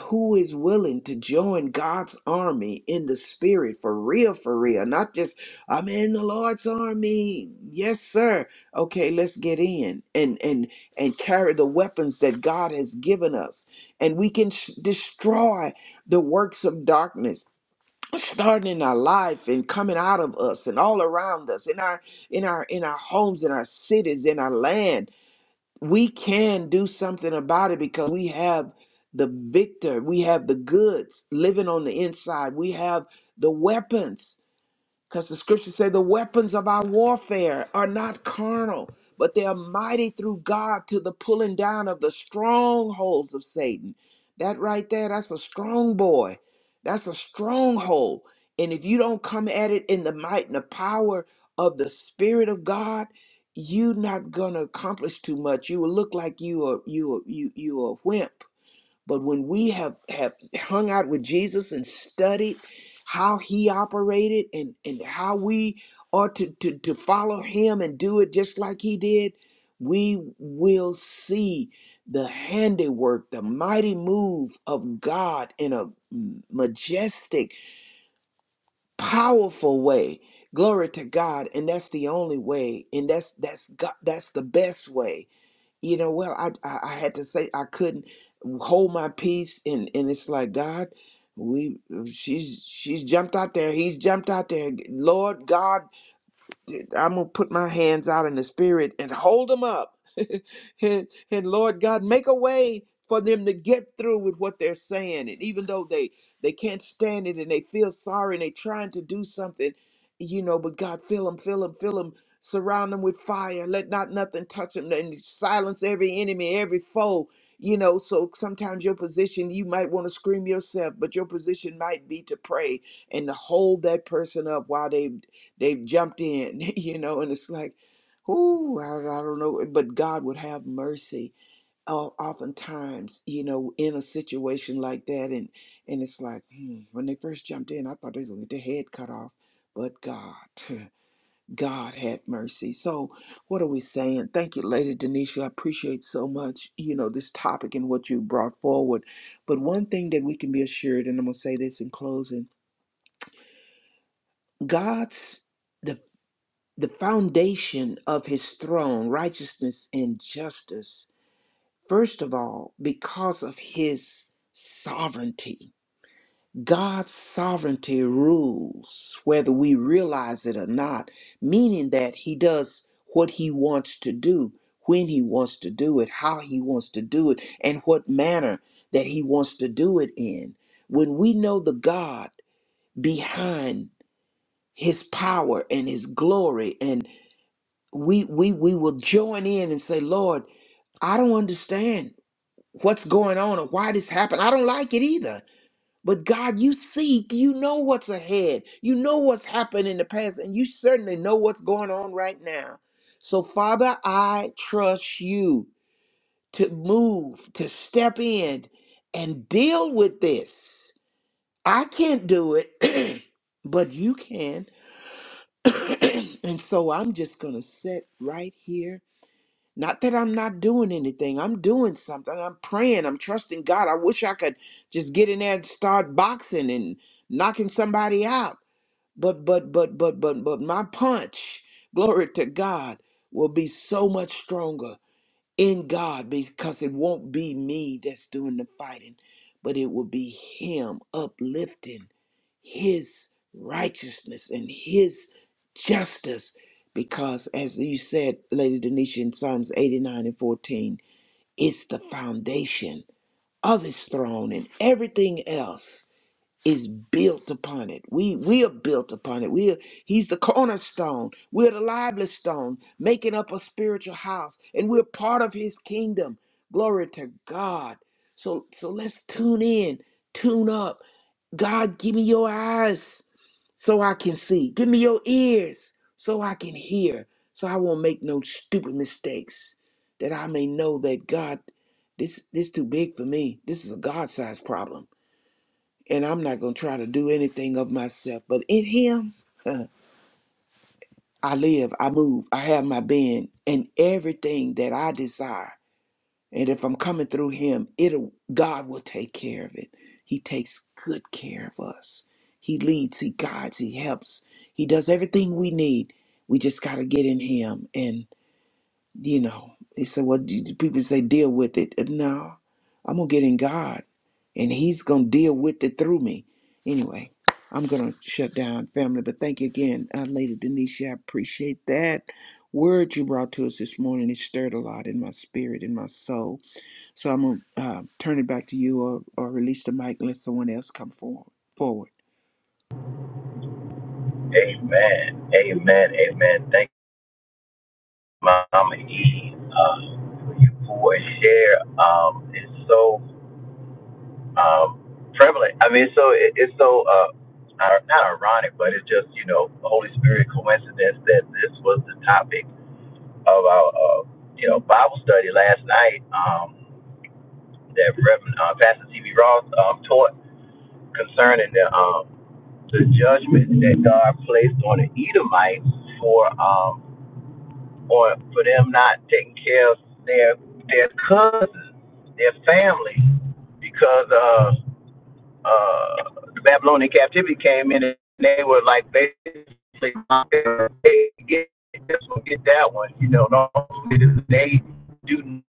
Speaker 2: who is willing to join God's army in the spirit for real, for real, not just I'm in the Lord's army. Yes, sir. Okay, let's get in and and and carry the weapons that God has given us, and we can sh- destroy the works of darkness starting in our life and coming out of us and all around us in our in our in our homes in our cities in our land we can do something about it because we have the victor we have the goods living on the inside we have the weapons because the scriptures say the weapons of our warfare are not carnal, but they are mighty through God to the pulling down of the strongholds of Satan. That right there, that's a strong boy. That's a stronghold. And if you don't come at it in the might and the power of the Spirit of God, you're not gonna accomplish too much. You will look like you are you are you you are a wimp but when we have, have hung out with Jesus and studied how he operated and, and how we are to, to, to follow him and do it just like he did, we will see the handiwork, the mighty move of God in a majestic, powerful way. Glory to God. And that's the only way. And that's that's God, that's the best way you know well I, I i had to say i couldn't hold my peace and and it's like god we she's she's jumped out there he's jumped out there lord god I'm gonna put my hands out in the spirit and hold them up. and, and Lord God, make a way for them to get through with what they're saying. And even though they they can't stand it and they feel sorry and they're trying to do something, you know, but God, fill them, fill them, fill them, surround them with fire. Let not nothing touch them and silence every enemy, every foe. You know, so sometimes your position, you might want to scream yourself, but your position might be to pray and to hold that person up while they They've jumped in, you know, and it's like, ooh, I, I don't know. But God would have mercy. O- Oftentimes, you know, in a situation like that, and and it's like, hmm, when they first jumped in, I thought they was gonna get their head cut off, but God, God had mercy. So, what are we saying? Thank you, Lady Denisha. I appreciate so much, you know, this topic and what you brought forward. But one thing that we can be assured, and I'm gonna say this in closing, God's the the foundation of his throne, righteousness and justice. First of all, because of his sovereignty. God's sovereignty rules, whether we realize it or not, meaning that he does what he wants to do, when he wants to do it, how he wants to do it, and what manner that he wants to do it in. When we know the God behind his power and his glory we we we will join in and say lord i don't understand what's going on or why this happened i don't like it either but god you see you know what's ahead you know what's happened in the past and you certainly know what's going on right now so father i trust you to move to step in and deal with this i can't do it but you can and so i'm just gonna sit right here Not that I'm not doing anything. I'm doing something. I'm praying. I'm trusting God. I wish I could just get in there and start boxing and knocking somebody out. But but but but but but my punch, glory to God, will be so much stronger in God because it won't be me that's doing the fighting, but it will be him uplifting his righteousness and his justice. Because, as you said, Lady Denisha, in Psalms 89 and 14, it's the foundation of his throne and everything else is built upon it. We we are built upon it. We are, he's the cornerstone. We're the lively stone, making up a spiritual house, and we're part of his kingdom. Glory to God. So so let's tune in, tune up. God, give me your eyes so I can see. Give me your ears so I can hear. So I won't make no stupid mistakes. That I may know that God, this this too big for me. This is a God-sized problem and I'm not going to try to do anything of myself. But in Him, huh, I live, I move, I have my being, and everything that I desire. And if I'm coming through Him, it'll God will take care of it. He takes good care of us. He leads, He guides, He helps. He does everything we need. We just got to get in Him and. You know, they said, well, do you- people say deal with it. Uh, No, I'm going to get in God and He's going to deal with it through me. Anyway, I'm going to shut down, family. But thank you again, uh, Lady Denisha. I appreciate that word you brought to us this morning. It stirred a lot in my spirit, in my soul. So I'm going to uh, turn it back to you or, or release the mic and let someone else come forward. forward.
Speaker 6: Amen. Amen. Amen. Thank you, Mama E, uh, you for your share. Um, it's so um, prevalent. I mean, it's so it, it's so uh, ir- not ironic, but it's just you know Holy Spirit coincidence that this was the topic of our uh, you know Bible study last night um, that Reverend uh, Pastor T.B. Ross um, taught concerning the um, the judgment that God placed on the Edomites for. Um, or for them not taking care of their their cousins, their family, because uh uh the Babylonian captivity came in and they were like basically hey, get this one, get that one. You know, normally they do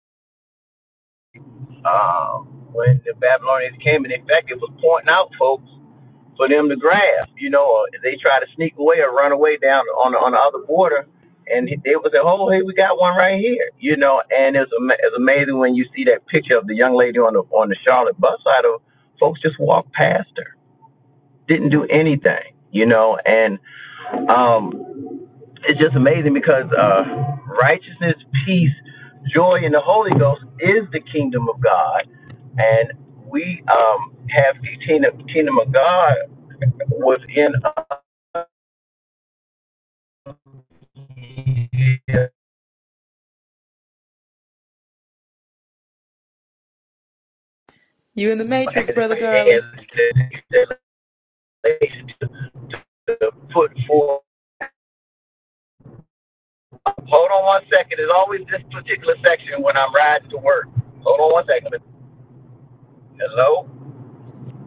Speaker 6: um when the Babylonians came and in fact it was pointing out folks for them to grab. You know, or they try to sneak away or run away down on the, on the other border, and they would say, "Oh, hey, we got one right here." You know, and it's ama- it's amazing when you see that picture of the young lady on the on the Charlotte bus side of folks just walked past her, didn't do anything. You know, and um, it's just amazing because uh, righteousness, peace, joy in the Holy Ghost is the kingdom of God and we um, have the kingdom, kingdom of God within us yeah, and, and to to put forth. Hold on one second. It's always this particular section when I'm riding to work. Hold on one second. Hello?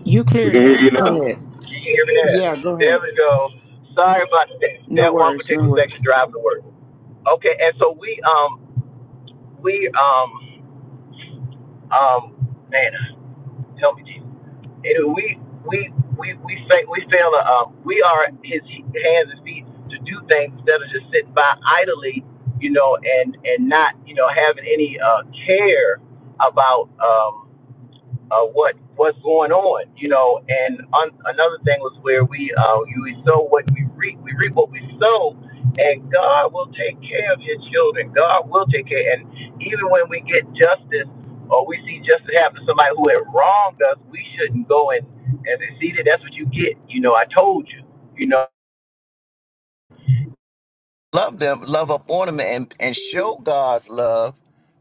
Speaker 2: You
Speaker 4: We
Speaker 2: clear
Speaker 4: can hear
Speaker 2: now?
Speaker 4: you now.
Speaker 2: Go ahead.
Speaker 6: Can you hear me
Speaker 2: Yeah,
Speaker 6: now?
Speaker 2: go ahead.
Speaker 6: There we go. Sorry about that,
Speaker 2: No
Speaker 6: that one
Speaker 2: worries, no
Speaker 6: particular
Speaker 2: worries.
Speaker 6: section driving to work. Okay, and so we um we um um man, help me Jesus. And we we we we fa- we fail. to, Um, we are his hands and feet to do things instead of just sitting by idly, you know, and and not you know having any uh, care about. Um, uh, what what's going on, you know. And on, another thing was where we uh, we sow what we reap, we reap what we sow, and God will take care of your children. God will take care. And even when we get justice or we see justice happen to somebody who had wronged us, we shouldn't go and and say, see that that's what you get. You know, I told you. You know love them, love up on them, and, and show God's love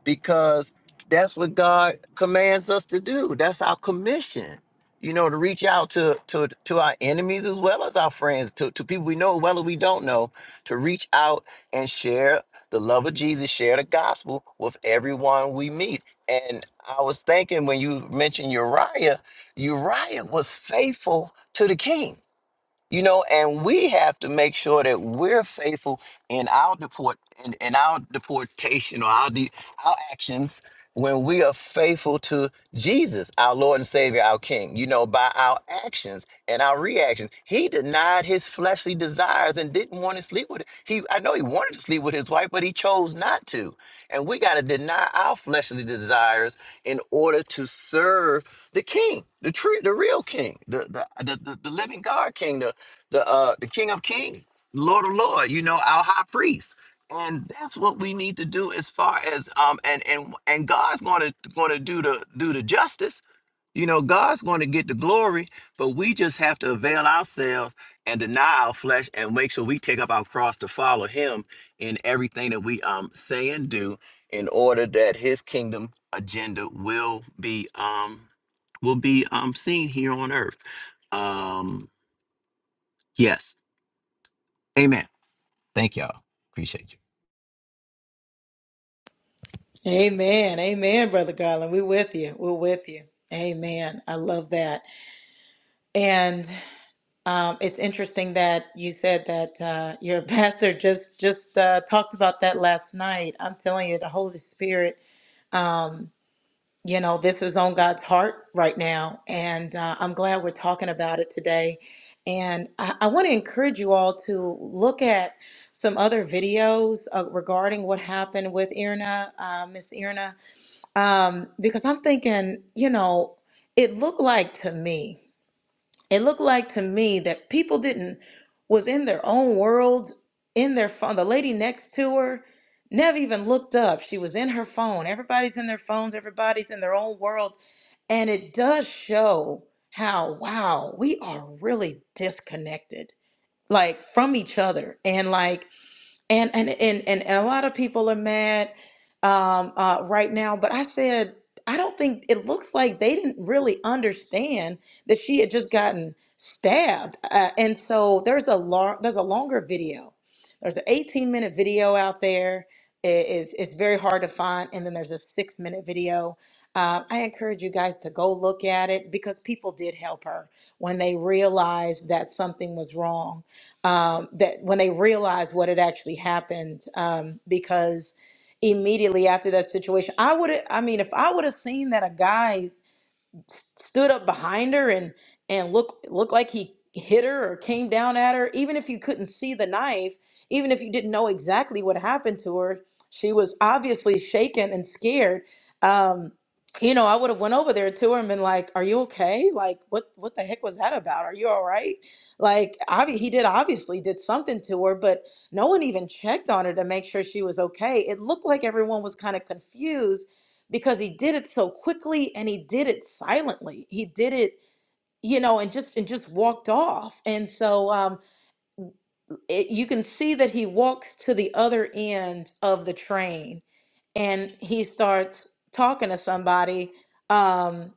Speaker 6: because that's what God commands us to do. That's our commission, you know, to reach out to to to our enemies as well as our friends, to, to people we know as well as we don't know, to reach out and share the love of Jesus, share the gospel with everyone we meet. And I was thinking when you mentioned Uriah, Uriah was faithful to the king you know and we have to make sure that we're faithful in our deport in, in our deportation or our de- our actions when we are faithful to Jesus our Lord and Savior our King you know by our actions and our reactions he denied his fleshly desires and didn't want to sleep with he I know he wanted to sleep with his wife but he chose not to and we got to deny our fleshly desires in order to serve the king the true the real king the the, the, the, the living god king the the uh the King of Kings, Lord of Lord, you know, our high priest. And that's what we need to do as far as um and and and God's gonna gonna do the do the justice. You know, God's gonna get the glory, but we just have to avail ourselves and deny our flesh and make sure we take up our cross to follow him in everything that we um say and do in order that his kingdom agenda will be um will be um seen here on earth. Um yes. Amen. Appreciate you.
Speaker 3: Amen. Amen, Brother Garland. We're with you. We're with you. Amen. I love that. Um, it's interesting that you said that uh, your pastor just just uh, talked about that last night. I'm telling you, the Holy Spirit, um, you know, this is on God's heart right now, and uh, I'm glad we're talking about it today. And I, I want to encourage you all to look at some other videos uh, regarding what happened with Irna, uh, Miss Irna, um, because I'm thinking, you know, it looked like to me it looked like to me that people didn't was in their own world in their phone the lady next to her never even looked up she was in her phone everybody's in their phones everybody's in their own world and it does show how wow we are really disconnected like from each other and like and and and and a lot of people are mad um, uh, right now. But I said I don't think it looks like they didn't really understand that she had just gotten stabbed, uh, and so there's a lar- there's a longer video. There's an 18 minute video out there. It is it's very hard to find, and then there's a six minute video. Uh, I encourage you guys to go look at it because people did help her when they realized that something was wrong um, that when they realized what had actually happened, um, because immediately after that situation, I would have, I mean, if I would have seen that a guy stood up behind her and and look looked like he hit her or came down at her even if you couldn't see the knife even if you didn't know exactly what happened to her she was obviously shaken and scared um you know i would have went over there to her and been like are you okay like what what the heck was that about are you all right like obvi- he did obviously did something to her but no one even checked on her to make sure she was okay it looked like everyone was kind of confused because he did it so quickly and he did it silently. He did it, you know, and just and just walked off. And so um, it, you can see that he walks to the other end of the train and he starts talking to somebody um,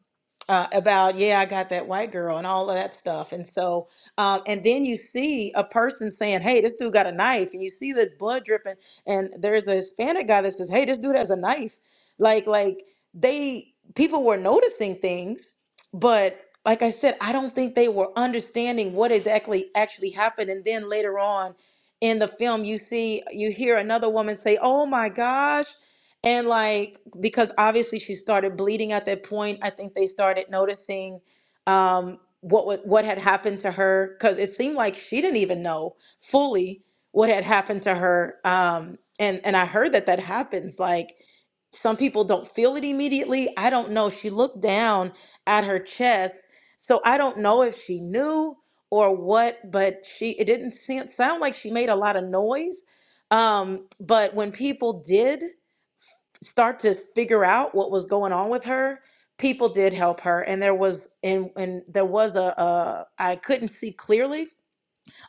Speaker 3: uh, about, yeah, I got that white girl and all of that stuff. And so, um, and then you see a person saying, hey, this dude got a knife. And you see the blood dripping. And there's a Hispanic guy that says, hey, this dude has a knife. Like, like they, people were noticing things, but like I said, I don't think they were understanding what exactly actually happened. And then later on in the film, you see, you hear another woman say, oh my gosh and like, because obviously she started bleeding at that point, I think they started noticing um, what was what had happened to her because it seemed like she didn't even know fully what had happened to her. Um, and and I heard that that happens. Like, some people don't feel it immediately. I don't know. She looked down at her chest, so I don't know if she knew or what, but she it didn't seem, sound like she made a lot of noise. Um, but when people did start to figure out what was going on with her people did help her and there was and and there was a, a, I couldn't see clearly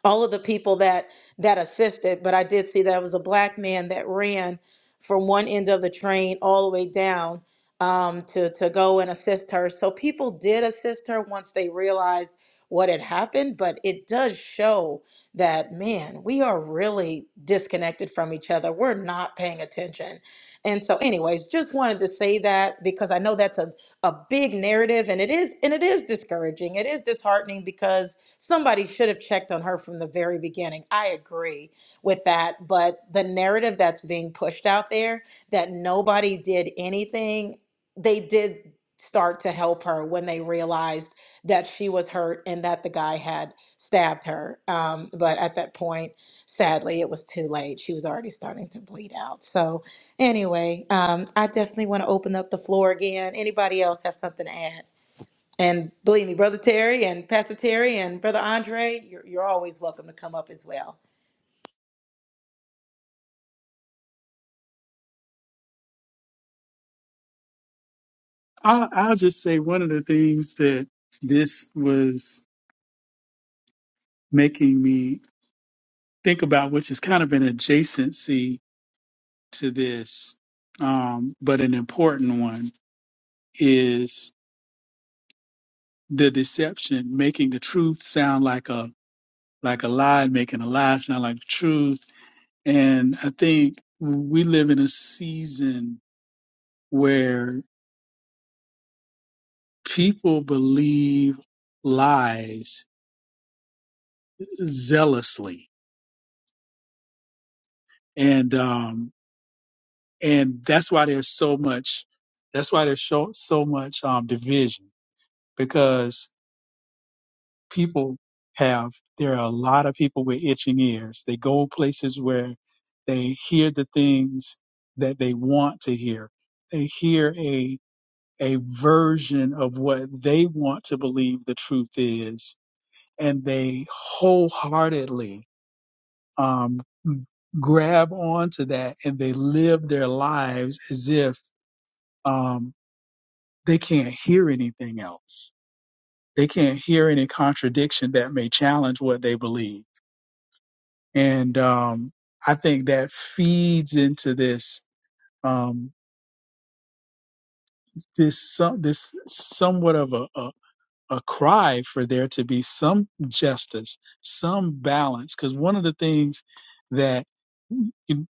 Speaker 3: all of the people that that assisted but i did see that it was a black man that ran from one end of the train all the way down um, to to go and assist her so people did assist her once they realized what had happened but it does show that man we are really disconnected from each other we're not paying attention and so anyways just wanted to say that because i know that's a, a big narrative and it is and it is discouraging it is disheartening because Somebody should have checked on her from the very beginning. I agree with that. But the narrative that's being pushed out there that nobody did anything, they did start to help her when they realized that she was hurt and that the guy had stabbed her. Um, but at that point, sadly, it was too late. She was already starting to bleed out. So, anyway, um, I definitely want to open up the floor again. Anybody else have something to add? And believe me, Brother Terry and Pastor Terry and Brother Andre, you're, you're always welcome to come up as well.
Speaker 5: I, I'll just say one of the things that this was making me think about, which is kind of an adjacency to this, um, but an important one is the deception, making the truth sound like a like a lie, making a lie sound like the truth. And I think we live in a season where people believe lies zealously, and um, and that's why there's so much. That's why there's so, so much um, division because people have there are a lot of people with itching ears they go places where they hear the things that they want to hear they hear a a version of what they want to believe the truth is and they wholeheartedly um, grab onto that and they live their lives as if um, they can't hear anything else they can't hear any contradiction that may challenge what they believe and um, I think that feeds into this um, this some this somewhat of a, a a cry for there to be some justice, some balance, because one of the things that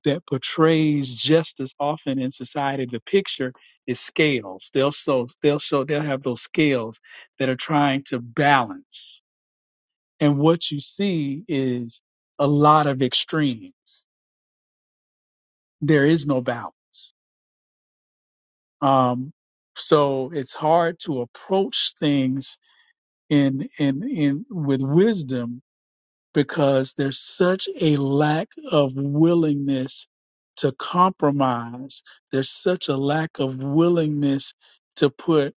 Speaker 5: that portrays justice often in society, the picture is scales. They'll so they'll show they'll have those scales that are trying to balance, and what you see is a lot of extremes. There is no balance Um, so it's hard to approach things in in in with wisdom because there's such a lack of willingness to compromise. There's such a lack of willingness to put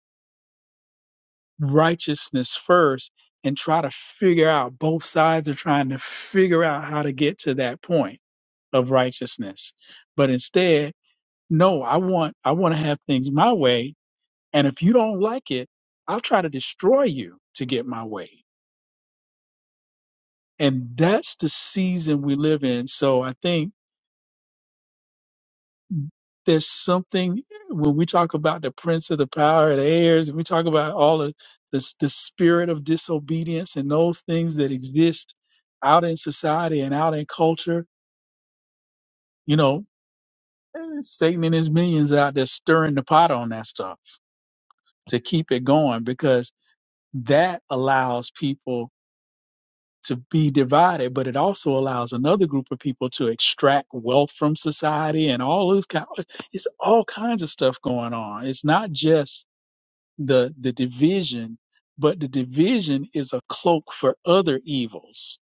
Speaker 5: righteousness first and try to figure out both sides are trying to figure out how to get to that point of righteousness. But instead, no, I want I want to have things my way And if you don't like it, I'll try to destroy you to get my way. And that's the season we live in. So I think there's something when we talk about the prince of the power of the airs, and we talk about all of this, the spirit of disobedience and those things that exist out in society and out in culture, you know, eh, Satan and his minions out there stirring the pot on that stuff to keep it going because that allows people to be divided, but it also allows another group of people to extract wealth from society and all those kind. It's all kinds of stuff going on. It's not just the the division, but the division is a cloak for other evils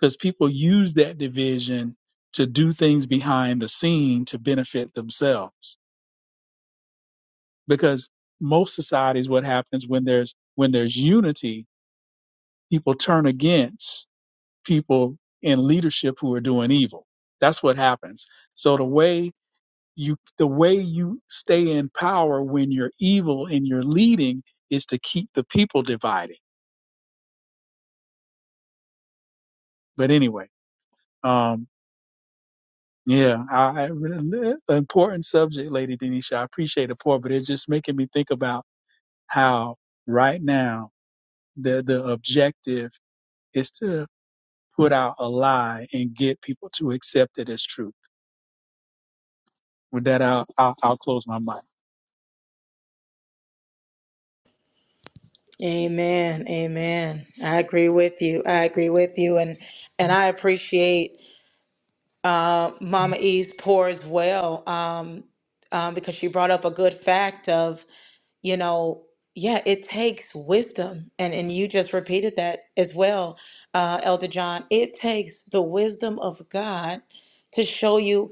Speaker 5: because people use that division to do things behind the scene to benefit themselves. Because most societies, what happens when there's when there's unity, people turn against people in leadership who are doing evil. That's what happens. So the way you the way you stay in power when you're evil and you're leading is to keep the people divided. But anyway, um, yeah, I I really, important subject, Lady Denisha. I appreciate it for, but it's just making me think about how right now the the objective is to put out a lie and get people to accept it as truth. With that, I'll, I'll, I'll close my mic.
Speaker 3: Amen. Amen. I agree with you. I agree with you. And and I appreciate uh, Mama E's pour as well um, um, because she brought up a good fact of, you know, yeah, it takes wisdom. And, and you just repeated that as well, uh, Elder John. It takes the wisdom of God to show you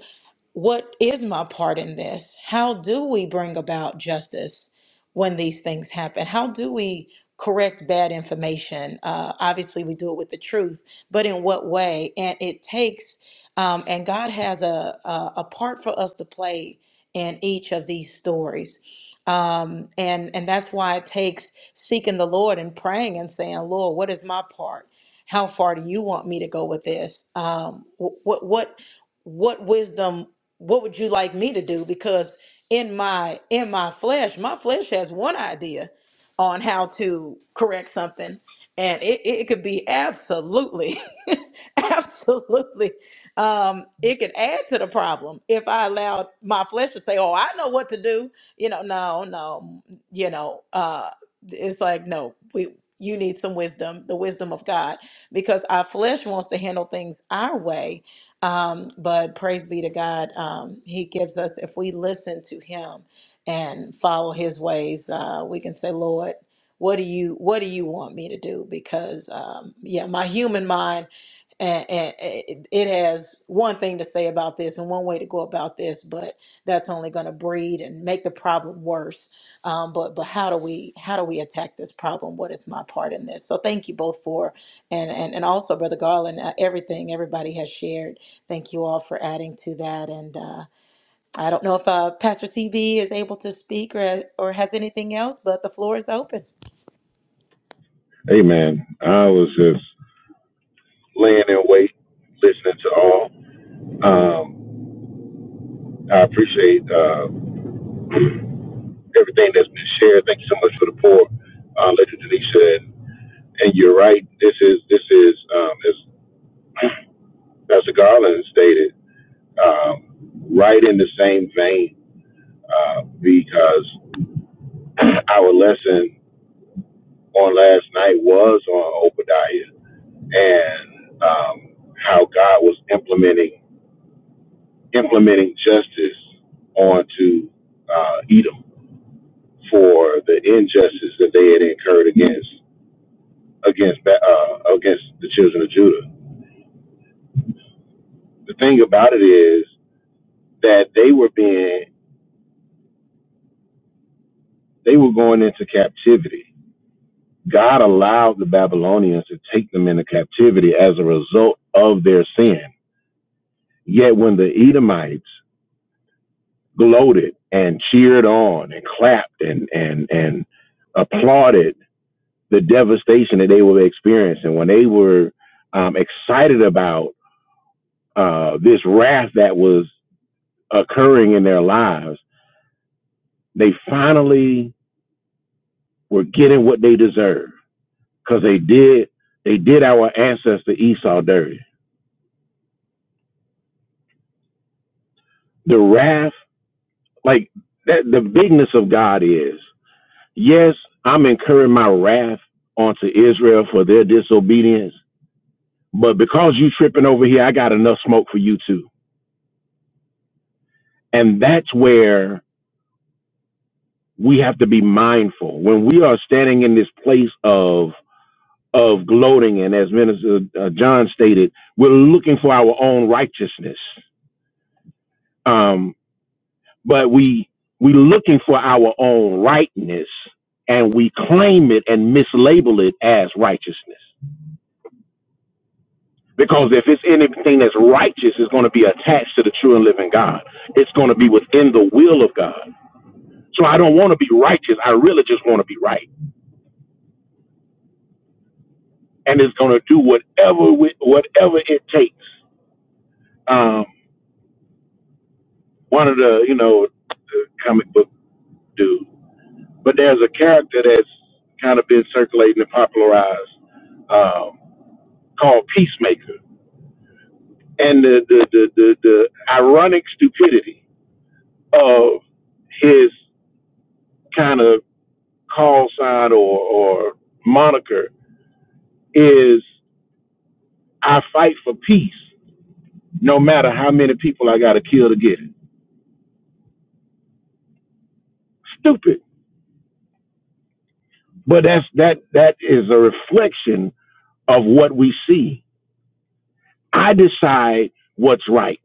Speaker 3: what is my part in this? How do we bring about justice when these things happen? How do we correct bad information? Uh, obviously, we do it with the truth, but in what way? And it takes, um, and God has a, a a part for us to play in each of these stories. Um, and and that's why it takes seeking the Lord and praying and saying, Lord, what is my part? How far do you want me to go with this? Um, wh- what what what wisdom what would you like me to do because in my in my flesh my flesh has one idea on how to correct something and it, it could be absolutely Absolutely. Um, it could add to the problem if I allowed my flesh to say, Oh, I know what to do. You know, no, no, you know, uh it's like, no, we you need some wisdom, the wisdom of God, because our flesh wants to handle things our way. Um, but praise be to God, um, He gives us, if we listen to Him and follow His ways, uh, we can say, Lord, what do you what do you want me to do because um, yeah my human mind and, and it it has one thing to say about this and one way to go about this, but that's only going to breed and make the problem worse. Um, but but how do we how do we attack this problem? What is my part in this? So thank you both for and and and also Brother Garland, uh, everything everybody has shared. Thank you all for adding to that. And uh, I don't know if uh, Pastor CV is able to speak or or has anything else, but the floor is open.
Speaker 4: Hey man, I was just laying in wait, listening to all. Um, I appreciate uh, everything that's been shared. Thank you so much for the pour, uh, Lady Denisha. And, and you're right. This is this is um, as Pastor Garland stated, um, right in the same vein. Uh, because our lesson on last night was on Obadiah and um, how God was implementing implementing justice onto uh, Edom for the injustice that they had incurred against against Ba- uh, against the children of Judah. The thing about it is that they were being they were going into captivity. God allowed the Babylonians to take them into captivity as a result of their sin. Yet when the Edomites gloated and cheered on and clapped and and and applauded the devastation that they were experiencing when they were um, excited about uh, this wrath that was occurring in their lives. They finally were getting what they deserved because they did they did our ancestor Esau dirty. The wrath, like that, the bigness of God is yes, I'm incurring my wrath onto Israel for their disobedience But because you tripping over here, I got enough smoke for you too. And that's where we have to be mindful when we are standing in this place of of gloating. And as Minister uh, John stated, we're looking for our own righteousness. Um, but we we looking for our own rightness, and we claim it and mislabel it as righteousness. Because if it's anything that's righteous, it's going to be attached to the true and living God. It's going to be within the will of God. So I don't want to be righteous. I really just want to be right, and it's going to do whatever wi- whatever it takes. Um, one of the you know the comic book dude, but there's a character that's kind of been circulating and popularized um, called Peacemaker, and the the, the the the ironic stupidity of his kind of call sign or or moniker is I fight for peace no matter how many people I got to kill to get it. Stupid. But that's that that is a reflection of what we see. I decide what's right.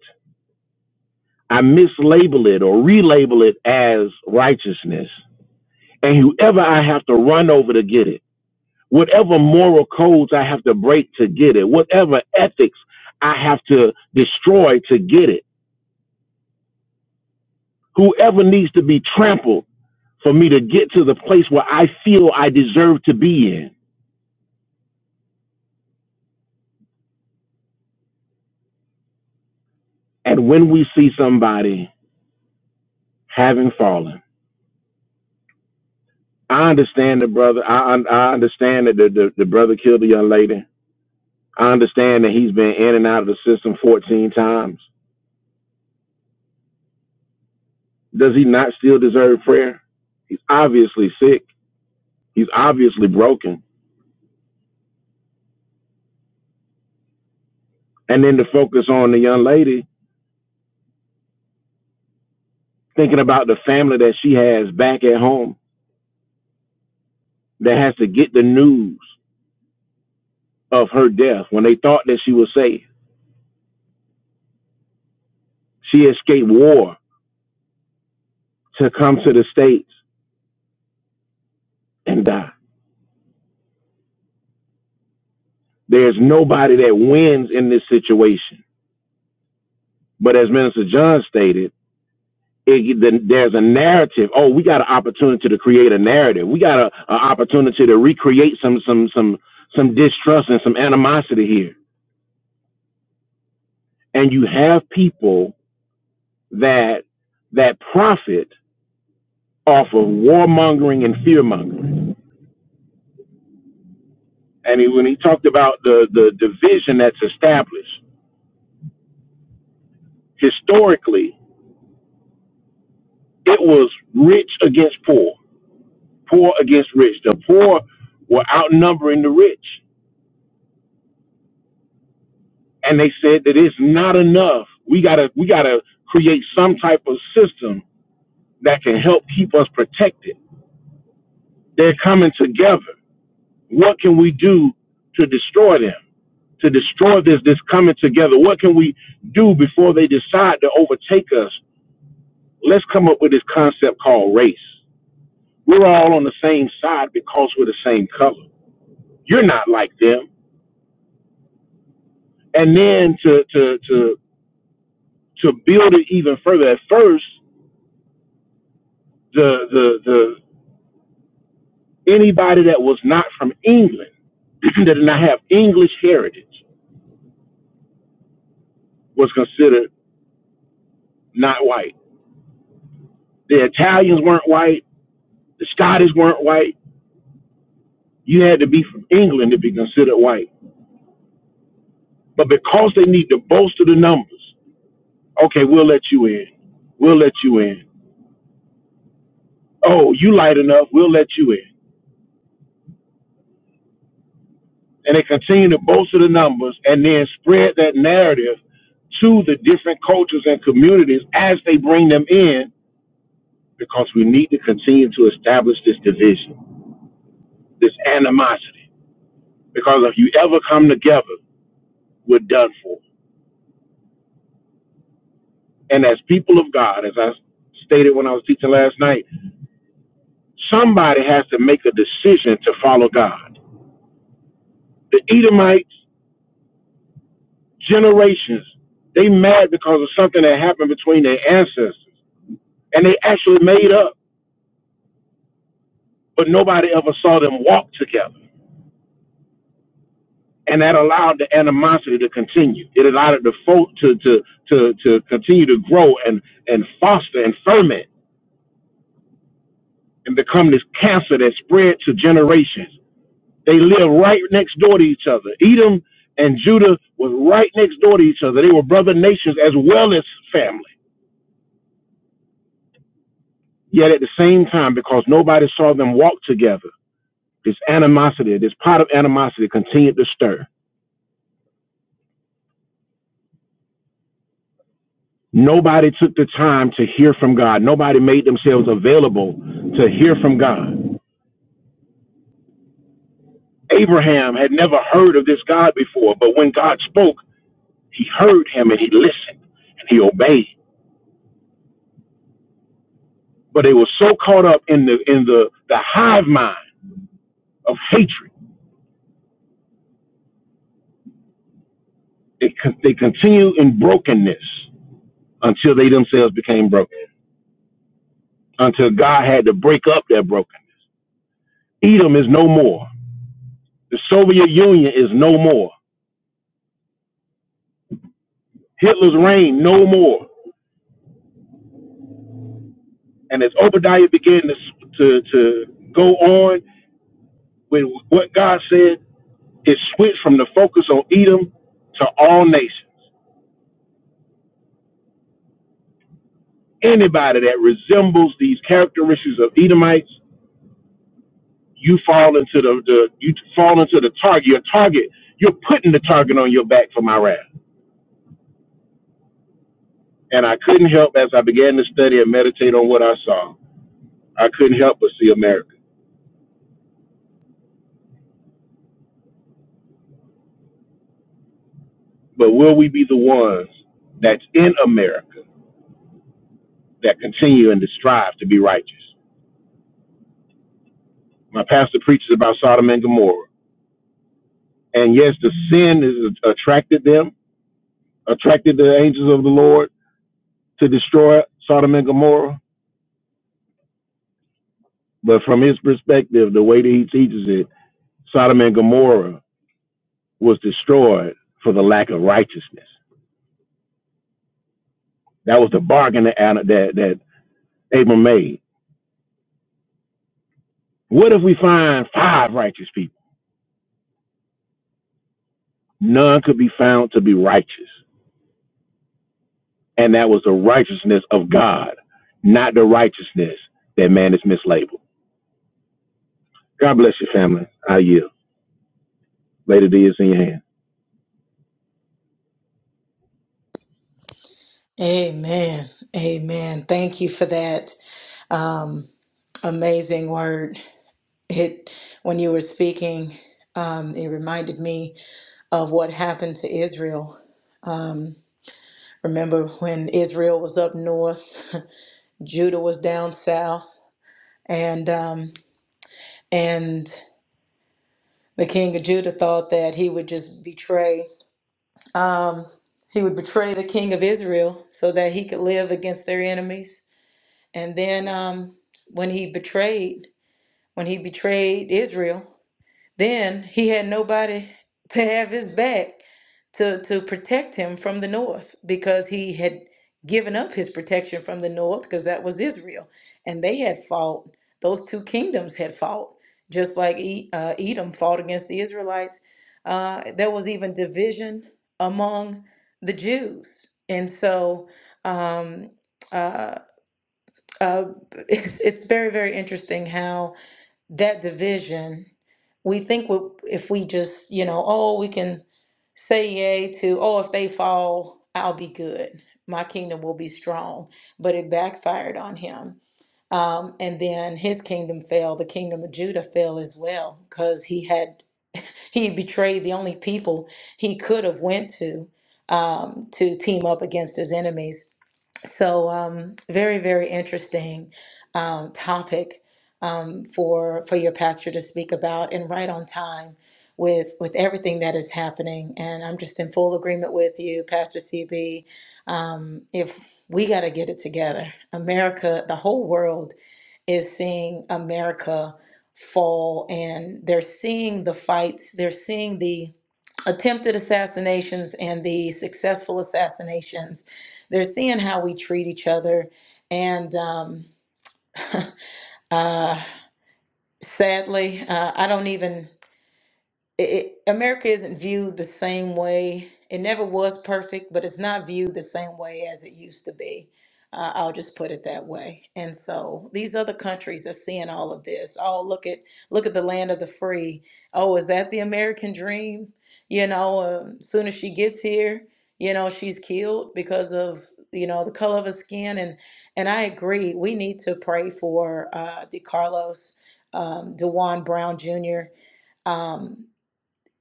Speaker 4: I mislabel it or relabel it as righteousness. And whoever I have to run over to get it, whatever moral codes I have to break to get it, whatever ethics I have to destroy to get it, whoever needs to be trampled for me to get to the place where I feel I deserve to be in And when we see somebody having fallen, I understand the brother. I I understand that the, the, the brother killed the young lady. I understand that he's been in and out of the system 14 times. Does he not still deserve prayer? He's obviously sick. He's obviously broken. And then to focus on the young lady, thinking about the family that she has back at home that has to get the news of her death when they thought that she was safe. She escaped war to come to the States and die There's nobody that wins in this situation. But as Minister John stated, it, the, there's a narrative. Oh, we got an opportunity to create a narrative. We got an opportunity to recreate some some some some distrust and some animosity here. And you have people that that profit off of warmongering and fearmongering. And he, when he talked about the the division that's established historically, it was rich against poor. poor against rich. The poor were outnumbering the rich, and they said that it's not enough. We gotta we gotta create some type of system that can help keep us protected. They're coming together. What can we do to destroy them? To destroy this this coming together? What can we do before they decide to overtake us? Let's come up with this concept called race. We're all on the same side because we're the same color. You're not like them and then to to to to build it even further. At first, the the the anybody that was not from England that did not have English heritage was considered not white. The Italians weren't white. The Scottish weren't white. You had to be from England to be considered white. But because they need to bolster the numbers, okay, we'll let you in. We'll let you in. Oh, you light enough. We'll let you in. and they continue to bolster the numbers and then spread that narrative to the different cultures and communities as they bring them in because we need to continue to establish this division, this animosity. Because if you ever come together, we're done for. And as people of God, as I stated when I was teaching last night, somebody has to make a decision to follow God. The Edomites, generations, they mad because of something that happened between their ancestors and they actually made up. but nobody ever saw them walk together. And that allowed the animosity to continue. It allowed the folk to, to, to, to continue to grow and, and foster and ferment and become this cancer that spread to generations. They live right next door to each other. Edom and Judah was right next door to each other. They were brother nations as well as family. Yet at the same time, because nobody saw them walk together, this animosity, this pot of animosity continued to stir Nobody took the time to hear from God. Nobody made themselves available to hear from God. Abraham had never heard of this God before, but when God spoke, he heard him and he listened and he obeyed. But they were so caught up in the in the, the hive mind of hatred, they con- they continued in brokenness until they themselves became broken. Until God had to break up their brokenness. Edom is no more. The Soviet Union is no more. Hitler's reign no more. And as Obadiah began to to, to go on with what God said, it switched from the focus on Edom to all nations. Anybody that resembles these characteristics of Edomites, you fall into the, the you fall into the target. Your target, you're putting the target on your back for my wrath. And I couldn't help as I began to study and meditate on what I saw. I couldn't help but see America. But will we be the ones that's in America that continue and strive to be righteous? My pastor preaches about Sodom and Gomorrah. And yes, the sin is attracted them, attracted the angels of the Lord to destroy Sodom and Gomorrah. But from his perspective, the way that he teaches it, Sodom and Gomorrah was destroyed for the lack of righteousness. That was the bargain that that, that Abram made. What if we find five righteous people? None could be found to be righteous. And that was the righteousness of God, not the righteousness that man is mislabeled. God bless your family. I yield. Lady D is in your hands.
Speaker 3: Amen. Amen. Thank you for that. Um, Amazing word. It when you were speaking, um, it reminded me of what happened to Israel. Um, remember when Israel was up north, Judah was down south, and um, and the king of Judah thought that he would just betray. Um, he would betray the king of Israel so that he could live against their enemies. And then um, when he betrayed, when he betrayed Israel. Then he had nobody to have his back to, to protect him from the north because he had given up his protection from the north because that was Israel. And they had fought, those two kingdoms had fought, just like E- uh, Edom fought against the Israelites. Uh, there was even division among the Jews. And so um, uh, uh, it's, it's very, very interesting how that division, we think we, if we just, you know, oh, we can say yay to, oh, if they fall, I'll be good. My kingdom will be strong. But it backfired on him. Um, and then his kingdom fell. The kingdom of Judah fell as well because he had he betrayed the only people he could have went to um, to team up against his enemies. So um, very, very interesting um, topic um, for for your pastor to speak about, and right on time with with everything that is happening. And I'm just in full agreement with you, Pastor CB. Um, if we got to get it together, America, the whole world is seeing America fall and they're seeing the fights, they're seeing the attempted assassinations and the successful assassinations. They're seeing how we treat each other. And um, uh, sadly, uh, I don't even it, it- America isn't viewed the same way. It never was perfect, but it's not viewed the same way as it used to be. Uh, I'll just put it that way. And so these other countries are seeing all of this. Oh, look at look at the land of the free. Oh, is that the American dream? You know, um, soon as she gets here, you know, she's killed because of you know the color of her skin. And and I agree. We need to pray for uh, DeCarlos, um, DeWan Brown Jr. Um,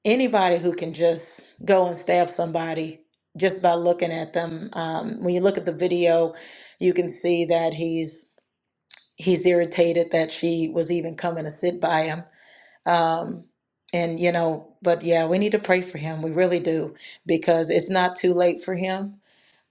Speaker 3: anybody who can just go and stab somebody just by looking at them. Um, when you look at the video, you can see that he's he's irritated that she was even coming to sit by him. Um, and you know, but yeah, we need to pray for him. We really do because it's not too late for him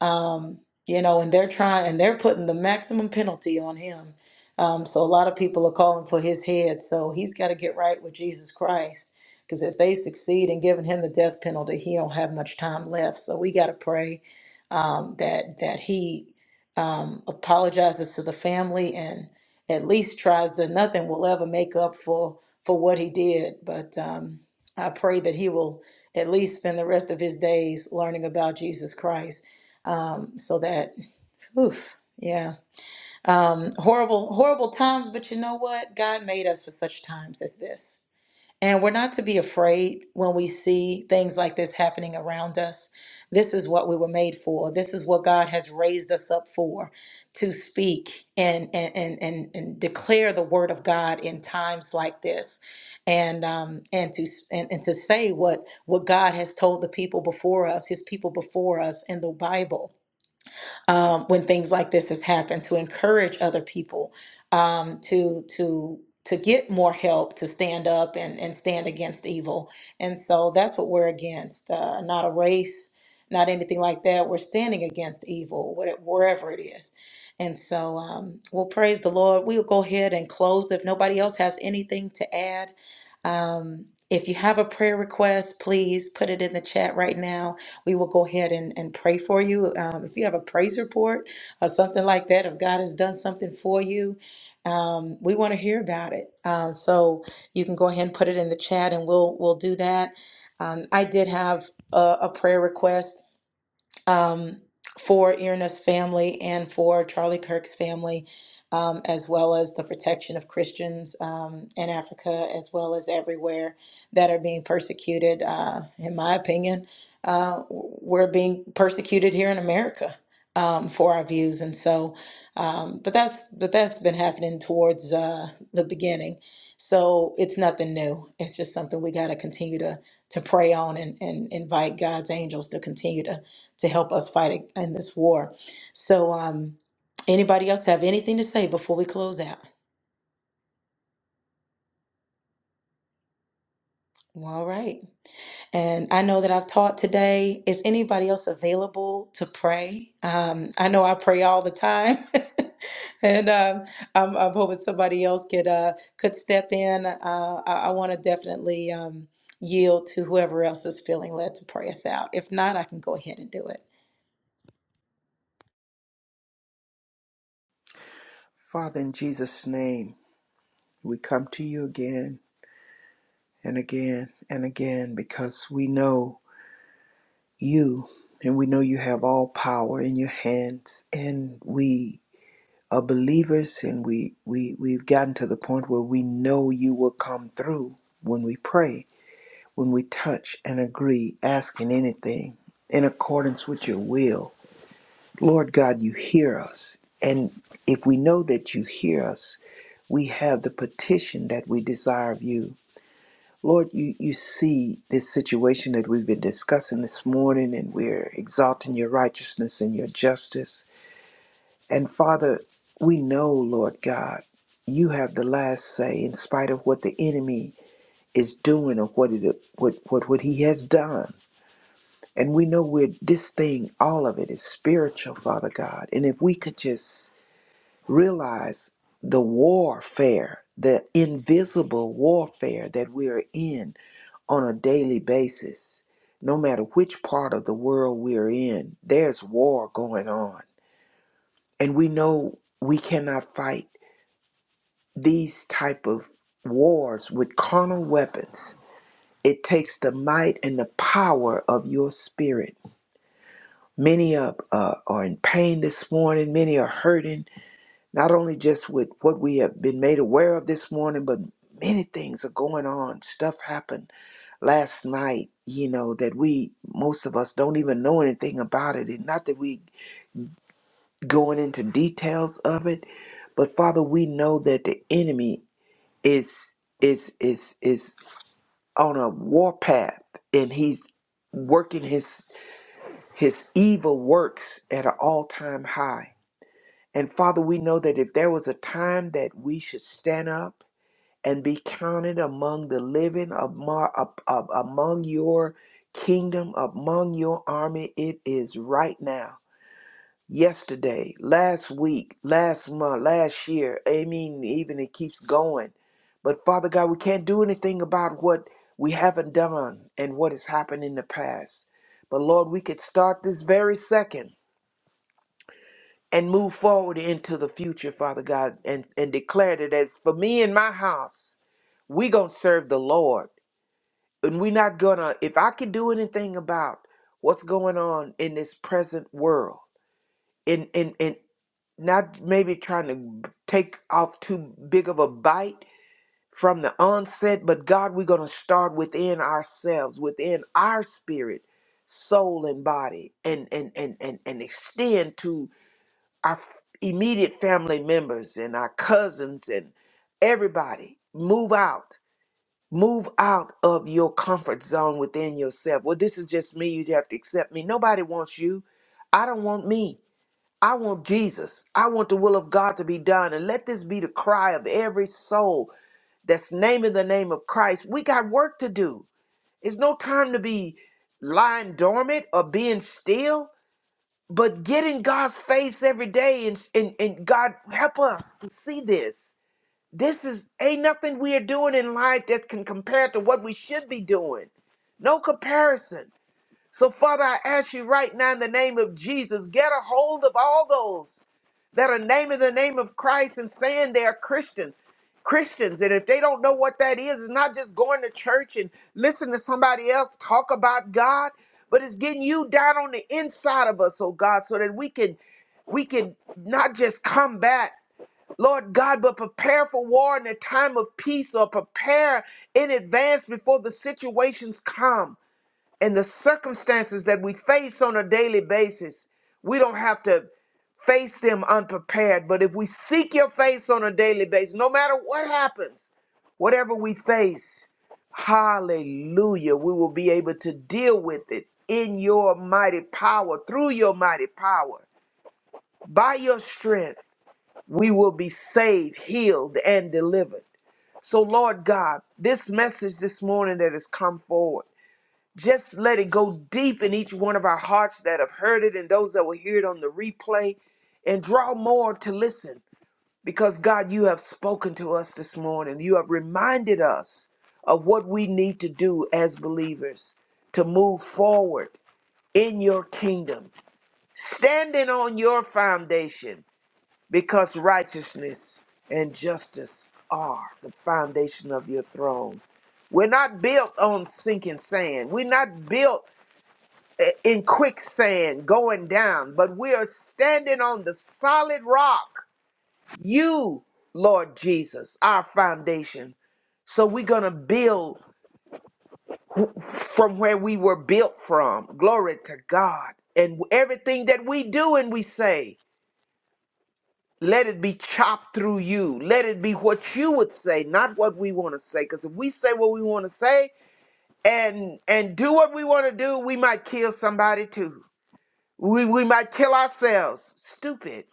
Speaker 3: um, you know, and they're trying and they're putting the maximum penalty on him. Um, so a lot of people are calling for his head. So he's got to get right with Jesus Christ because if they succeed in giving him the death penalty, he don't have much time left. So we got to pray um, that that he um, apologizes to the family and at least tries to. Nothing will ever make up for for what he did, but um, I pray that he will at least spend the rest of his days learning about Jesus Christ um, so that oof, yeah um, horrible horrible times but you know what god made us for such times as this and we're not to be afraid when we see things like this happening around us this is what we were made for this is what god has raised us up for to speak and and and, and, and declare the word of god in times like this and um and to and, and to say what what god has told the people before us his people before us in the bible um, when things like this has happened to encourage other people um, to to to get more help to stand up and, and stand against evil and so that's what we're against uh, not a race not anything like that we're standing against evil what- wherever it is and so um, we'll praise the lord we'll go ahead and close if nobody else has anything to add um, if you have a prayer request please put it in the chat right now we will go ahead and, and pray for you. Um, if you have a praise report or something like that, if God has done something for you, um, we want to hear about it. Um, so you can go ahead and put it in the chat, and we'll we'll do that. Um, I did have a, a prayer request um, for Irna's family and for Charlie Kirk's family, um, as well as the protection of Christians um, in Africa, as well as everywhere that are being persecuted. Uh, in my opinion, uh, we're being persecuted here in America. Um, for our views, and so, um, but that's but that's been happening towards uh, the beginning, so it's nothing new. It's just something we got to continue to to pray on and, and invite God's angels to continue to to help us fight in this war. So, um, anybody else have anything to say before we close out? All right. And I know that I've taught today. Is anybody else available to pray? Um, I know I pray all the time, and um, I'm, I'm hoping somebody else could uh, could step in. Uh, I, I want to definitely um, yield to whoever else is feeling led to pray us out. If not, I can go ahead and do it.
Speaker 2: Father, in Jesus' name. We come to you again and again and again because we know you and we know you have all power in your hands and we are believers and we, we we've gotten to the point where we know you will come through when we pray, when we touch and agree, asking anything in accordance with your will. Lord God, you hear us. And if we know that you hear us, we have the petition that we desire of you. Lord, you, you see this situation that we've been discussing this morning, and we're exalting your righteousness and your justice. And Father, we know, Lord God, you have the last say in spite of what the enemy is doing or what, it, what, what, what he has done. And we know we're, this thing, all of it is spiritual, Father God. And if we could just realize the warfare, the invisible warfare that we're in, on a daily basis. No matter which part of the world we're in, there's war going on. And we know we cannot fight these type of wars with carnal weapons. It takes the might and the power of your spirit. Many of, uh, are in pain this morning. Many are hurting, not only just with what we have been made aware of this morning, but many things are going on. Stuff happened last night, you know, that we, most of us, don't even know anything about it. And not that we going into details of it, but Father, we know that the enemy is is is is on a warpath and he's working his his evil works at an all-time high. And Father, we know that if there was a time that we should stand up and be counted among the living, among, your kingdom, among your army. It is right now, yesterday, last week, last month, last year. I mean, even it keeps going. But Father God, we can't do anything about what we haven't done and what has happened in the past. But Lord, we could start this very second and move forward into the future, Father God, and, and declare that as for me and my house, we going to serve the Lord and we're not gonna if i could do anything about what's going on in this present world and and and not maybe trying to take off too big of a bite from the onset but god we're gonna start within ourselves within our spirit soul and body and and and and, and extend to our f- immediate family members and our cousins and everybody move out move out of your comfort zone within yourself. Well, this is just me. You have to accept me. Nobody wants you. I don't want me. I want Jesus. I want the will of God to be done. And let this be the cry of every soul that's naming the name of Christ. We got work to do. It's no time to be lying dormant or being still, but get in God's face every day and, and, and God help us to see this. This is ain't nothing we are doing in life that can compare to what we should be doing. No comparison. So, Father, I ask you right now in the name of Jesus, get a hold of all those that are naming the name of Christ and saying they are Christian. Christians, and if they don't know what that is, it's not just going to church and listening to somebody else talk about God, but it's getting you down on the inside of us, oh God, so that we can we can not just combat. Lord God, but prepare for war in a time of peace or prepare in advance before the situations come and the circumstances that we face on a daily basis. We don't have to face them unprepared, but if we seek your face on a daily basis, no matter what happens, whatever we face, hallelujah, we will be able to deal with it in your mighty power, through your mighty power, by your strength we will be saved, healed, and delivered. So, Lord God, this message this morning that has come forward, just let it go deep in each one of our hearts that have heard it and those that will hear it on the replay and draw more to listen because, God, you have spoken to us this morning. You have reminded us of what we need to do as believers to move forward in your kingdom, standing on your foundation because righteousness and justice are the foundation of your throne. We're not built on sinking sand. We're not built i- in quicksand going down, but we are standing on the solid rock. You, Lord Jesus, our foundation. So we're going to build wh- from where we were built from. Glory to God. And everything that we do and we say. Let it be chopped through you. Let it be what you would say, not what we want to say. Because if we say what we want to say and and do what we want to do, we might kill somebody too. We we might kill ourselves. Stupid.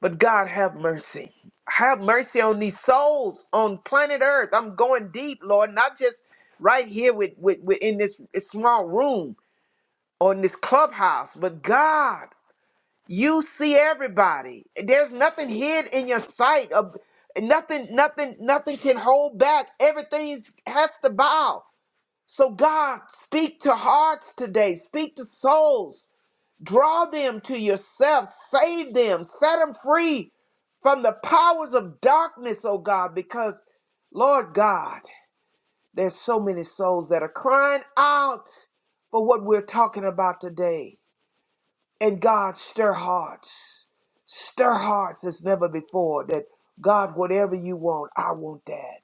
Speaker 2: But God have mercy. Have mercy on these souls on planet Earth. I'm going deep, Lord, not just right here with, with, with in this small room on this clubhouse, but God. You see everybody. There's nothing hid in your sight. Of nothing, nothing, nothing can hold back. Everything has to bow. So God, speak to hearts today. Speak to souls. Draw them to yourself. Save them. Set them free from the powers of darkness, oh God, because Lord God, there's so many souls that are crying out for what we're talking about today. And God, stir hearts. Stir hearts as never before. That God, whatever you want, I want that.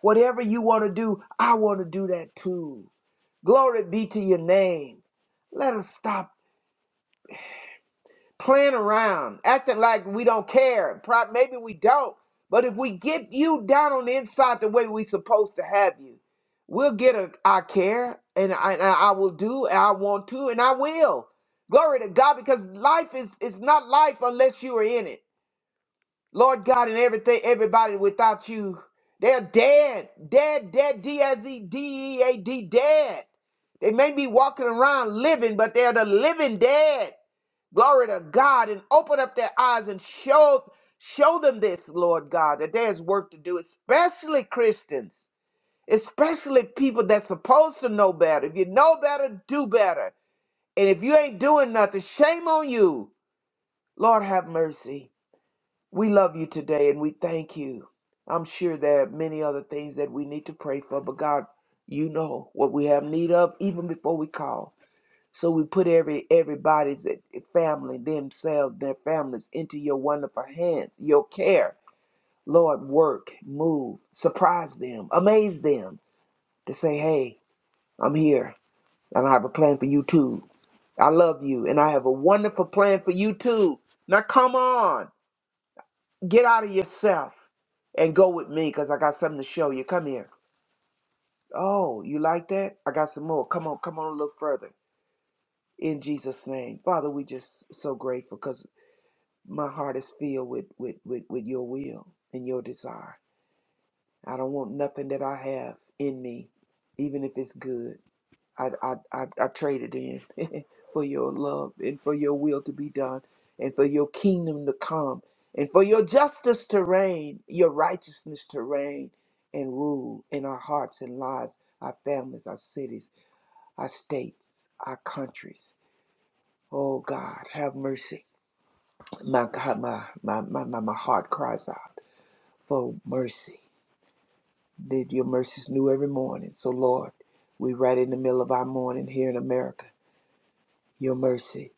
Speaker 2: Whatever you want to do, I want to do that too. Glory be to your name. Let us stop playing around, acting like we don't care. Pro- Maybe we don't, but if we get you down on the inside the way we supposed to have you, we'll get a, I care, and I, and I will do, and I want to, and I will. Glory to God, because life is is not life unless you are in it. Lord God, and everything, everybody without you, they're dead, dead, dead, D S E D E A D, dead. dead. They may be walking around living, but they're the living dead glory to God, and open up their eyes and show show them this, Lord God, that there's work to do, especially Christians, especially people that's supposed to know better. If you know better, do better. And if you ain't doing nothing, shame on you. Lord have mercy. We love you today and we thank you. I'm sure there are many other things that we need to pray for, but God, you know what we have need of even before we call. So we put every everybody's eh, family, themselves, their families into your wonderful hands, your care. Lord, work, move, surprise them, amaze them to say, Hey, I'm here and I have a plan for you too. I love you and I have a wonderful plan for you too. Now come on, get out of yourself and go with me because I got something to show you. Come here. Oh, you like that? I got some more. Come on, come on a little further in Jesus' name. Father, we just so grateful, cause. my heart is filled with, with, with, with your will and your desire. I don't want nothing that I have in me, even if it's good. I, I, I, I trade it in for your love and for your will to be done and for your kingdom to come and for your justice to reign, your righteousness to reign and rule in our hearts and lives, our families, our cities, our states, our countries. Oh God, have mercy. My God, my, my, my, my, my heart cries out. for mercy. That your mercies new every morning. So Lord, we right in the middle of our morning here in America. Your mercy.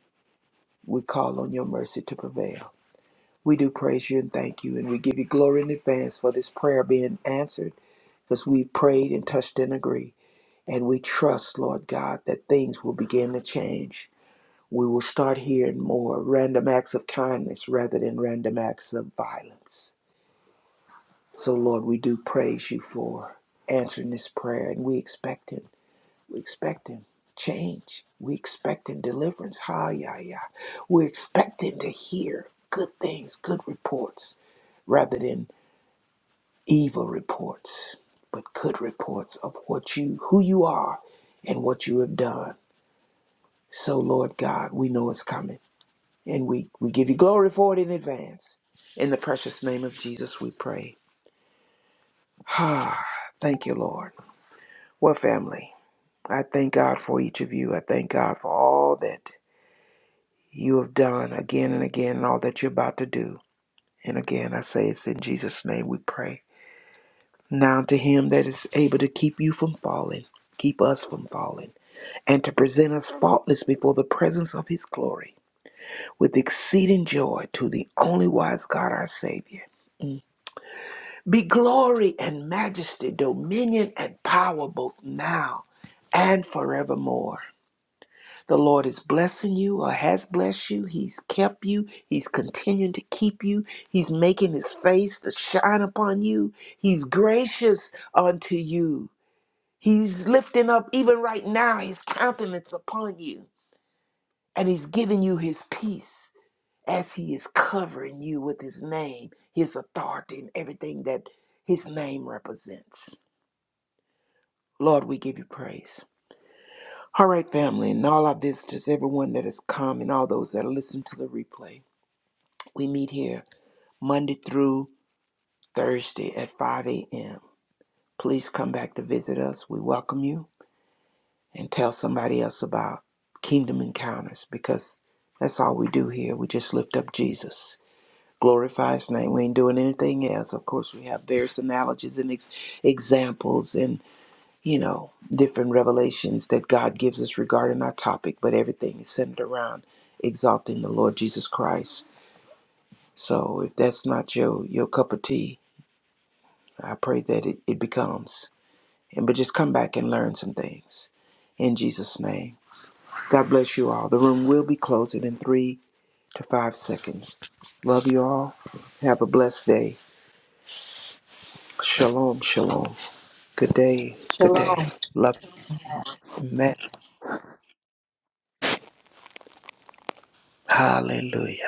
Speaker 2: We call on your mercy to prevail. We do praise you and thank you, and we give you glory in advance for this prayer being answered, because we prayed and touched and agreed. And we trust, Lord God, that things will begin to change. We will start hearing more random acts of kindness rather than random acts of violence. So, Lord, we do praise you for answering this prayer, and we expect it. We expect expecting change. We expecting deliverance. Ha, yeah, yeah. We're expecting to hear good things, good reports, rather than evil reports, but good reports of what you, who you are, and what you have done. So, Lord God, we know it's coming, and we we give you glory for it in advance. In the precious name of Jesus, we pray. Ha. Thank you, Lord. Well, family. I thank God for each of you. I thank God for all that you have done again and again and all that you're about to do. And again, I say it's in Jesus' name we pray. Now to him that is able to keep you from falling, keep us from falling, and to present us faultless before the presence of his glory with exceeding joy to the only wise God our Savior. Be glory and majesty, dominion and power both now and forevermore. The Lord is blessing you or has blessed you. He's kept you. He's continuing to keep you. He's making his face to shine upon you. He's gracious unto you. He's lifting up, even right now, his countenance upon you. And he's giving you his peace as he is covering you with his name, his authority, and everything that his name represents. Lord, we give you praise. All right, family, and all our visitors, everyone that has come, and all those that listen to the replay. We meet here Monday through Thursday at 5 a.m. Please come back to visit us. We welcome you and tell somebody else about Kingdom Encounters because that's all we do here. We just lift up Jesus, glorify His name. We ain't doing anything else. Of course, we have various analogies and ex- examples and, you know, different revelations that God gives us regarding our topic, but everything is centered around exalting the Lord Jesus Christ. So if that's not your, your cup of tea, I pray that it, it becomes. And but just come back and learn some things. In Jesus' name. God bless you all. The room will be closing in three to five seconds. Love you all. Have a blessed day. Shalom, shalom. Good day, good day.
Speaker 3: Shalom.
Speaker 2: Love you. Hallelujah.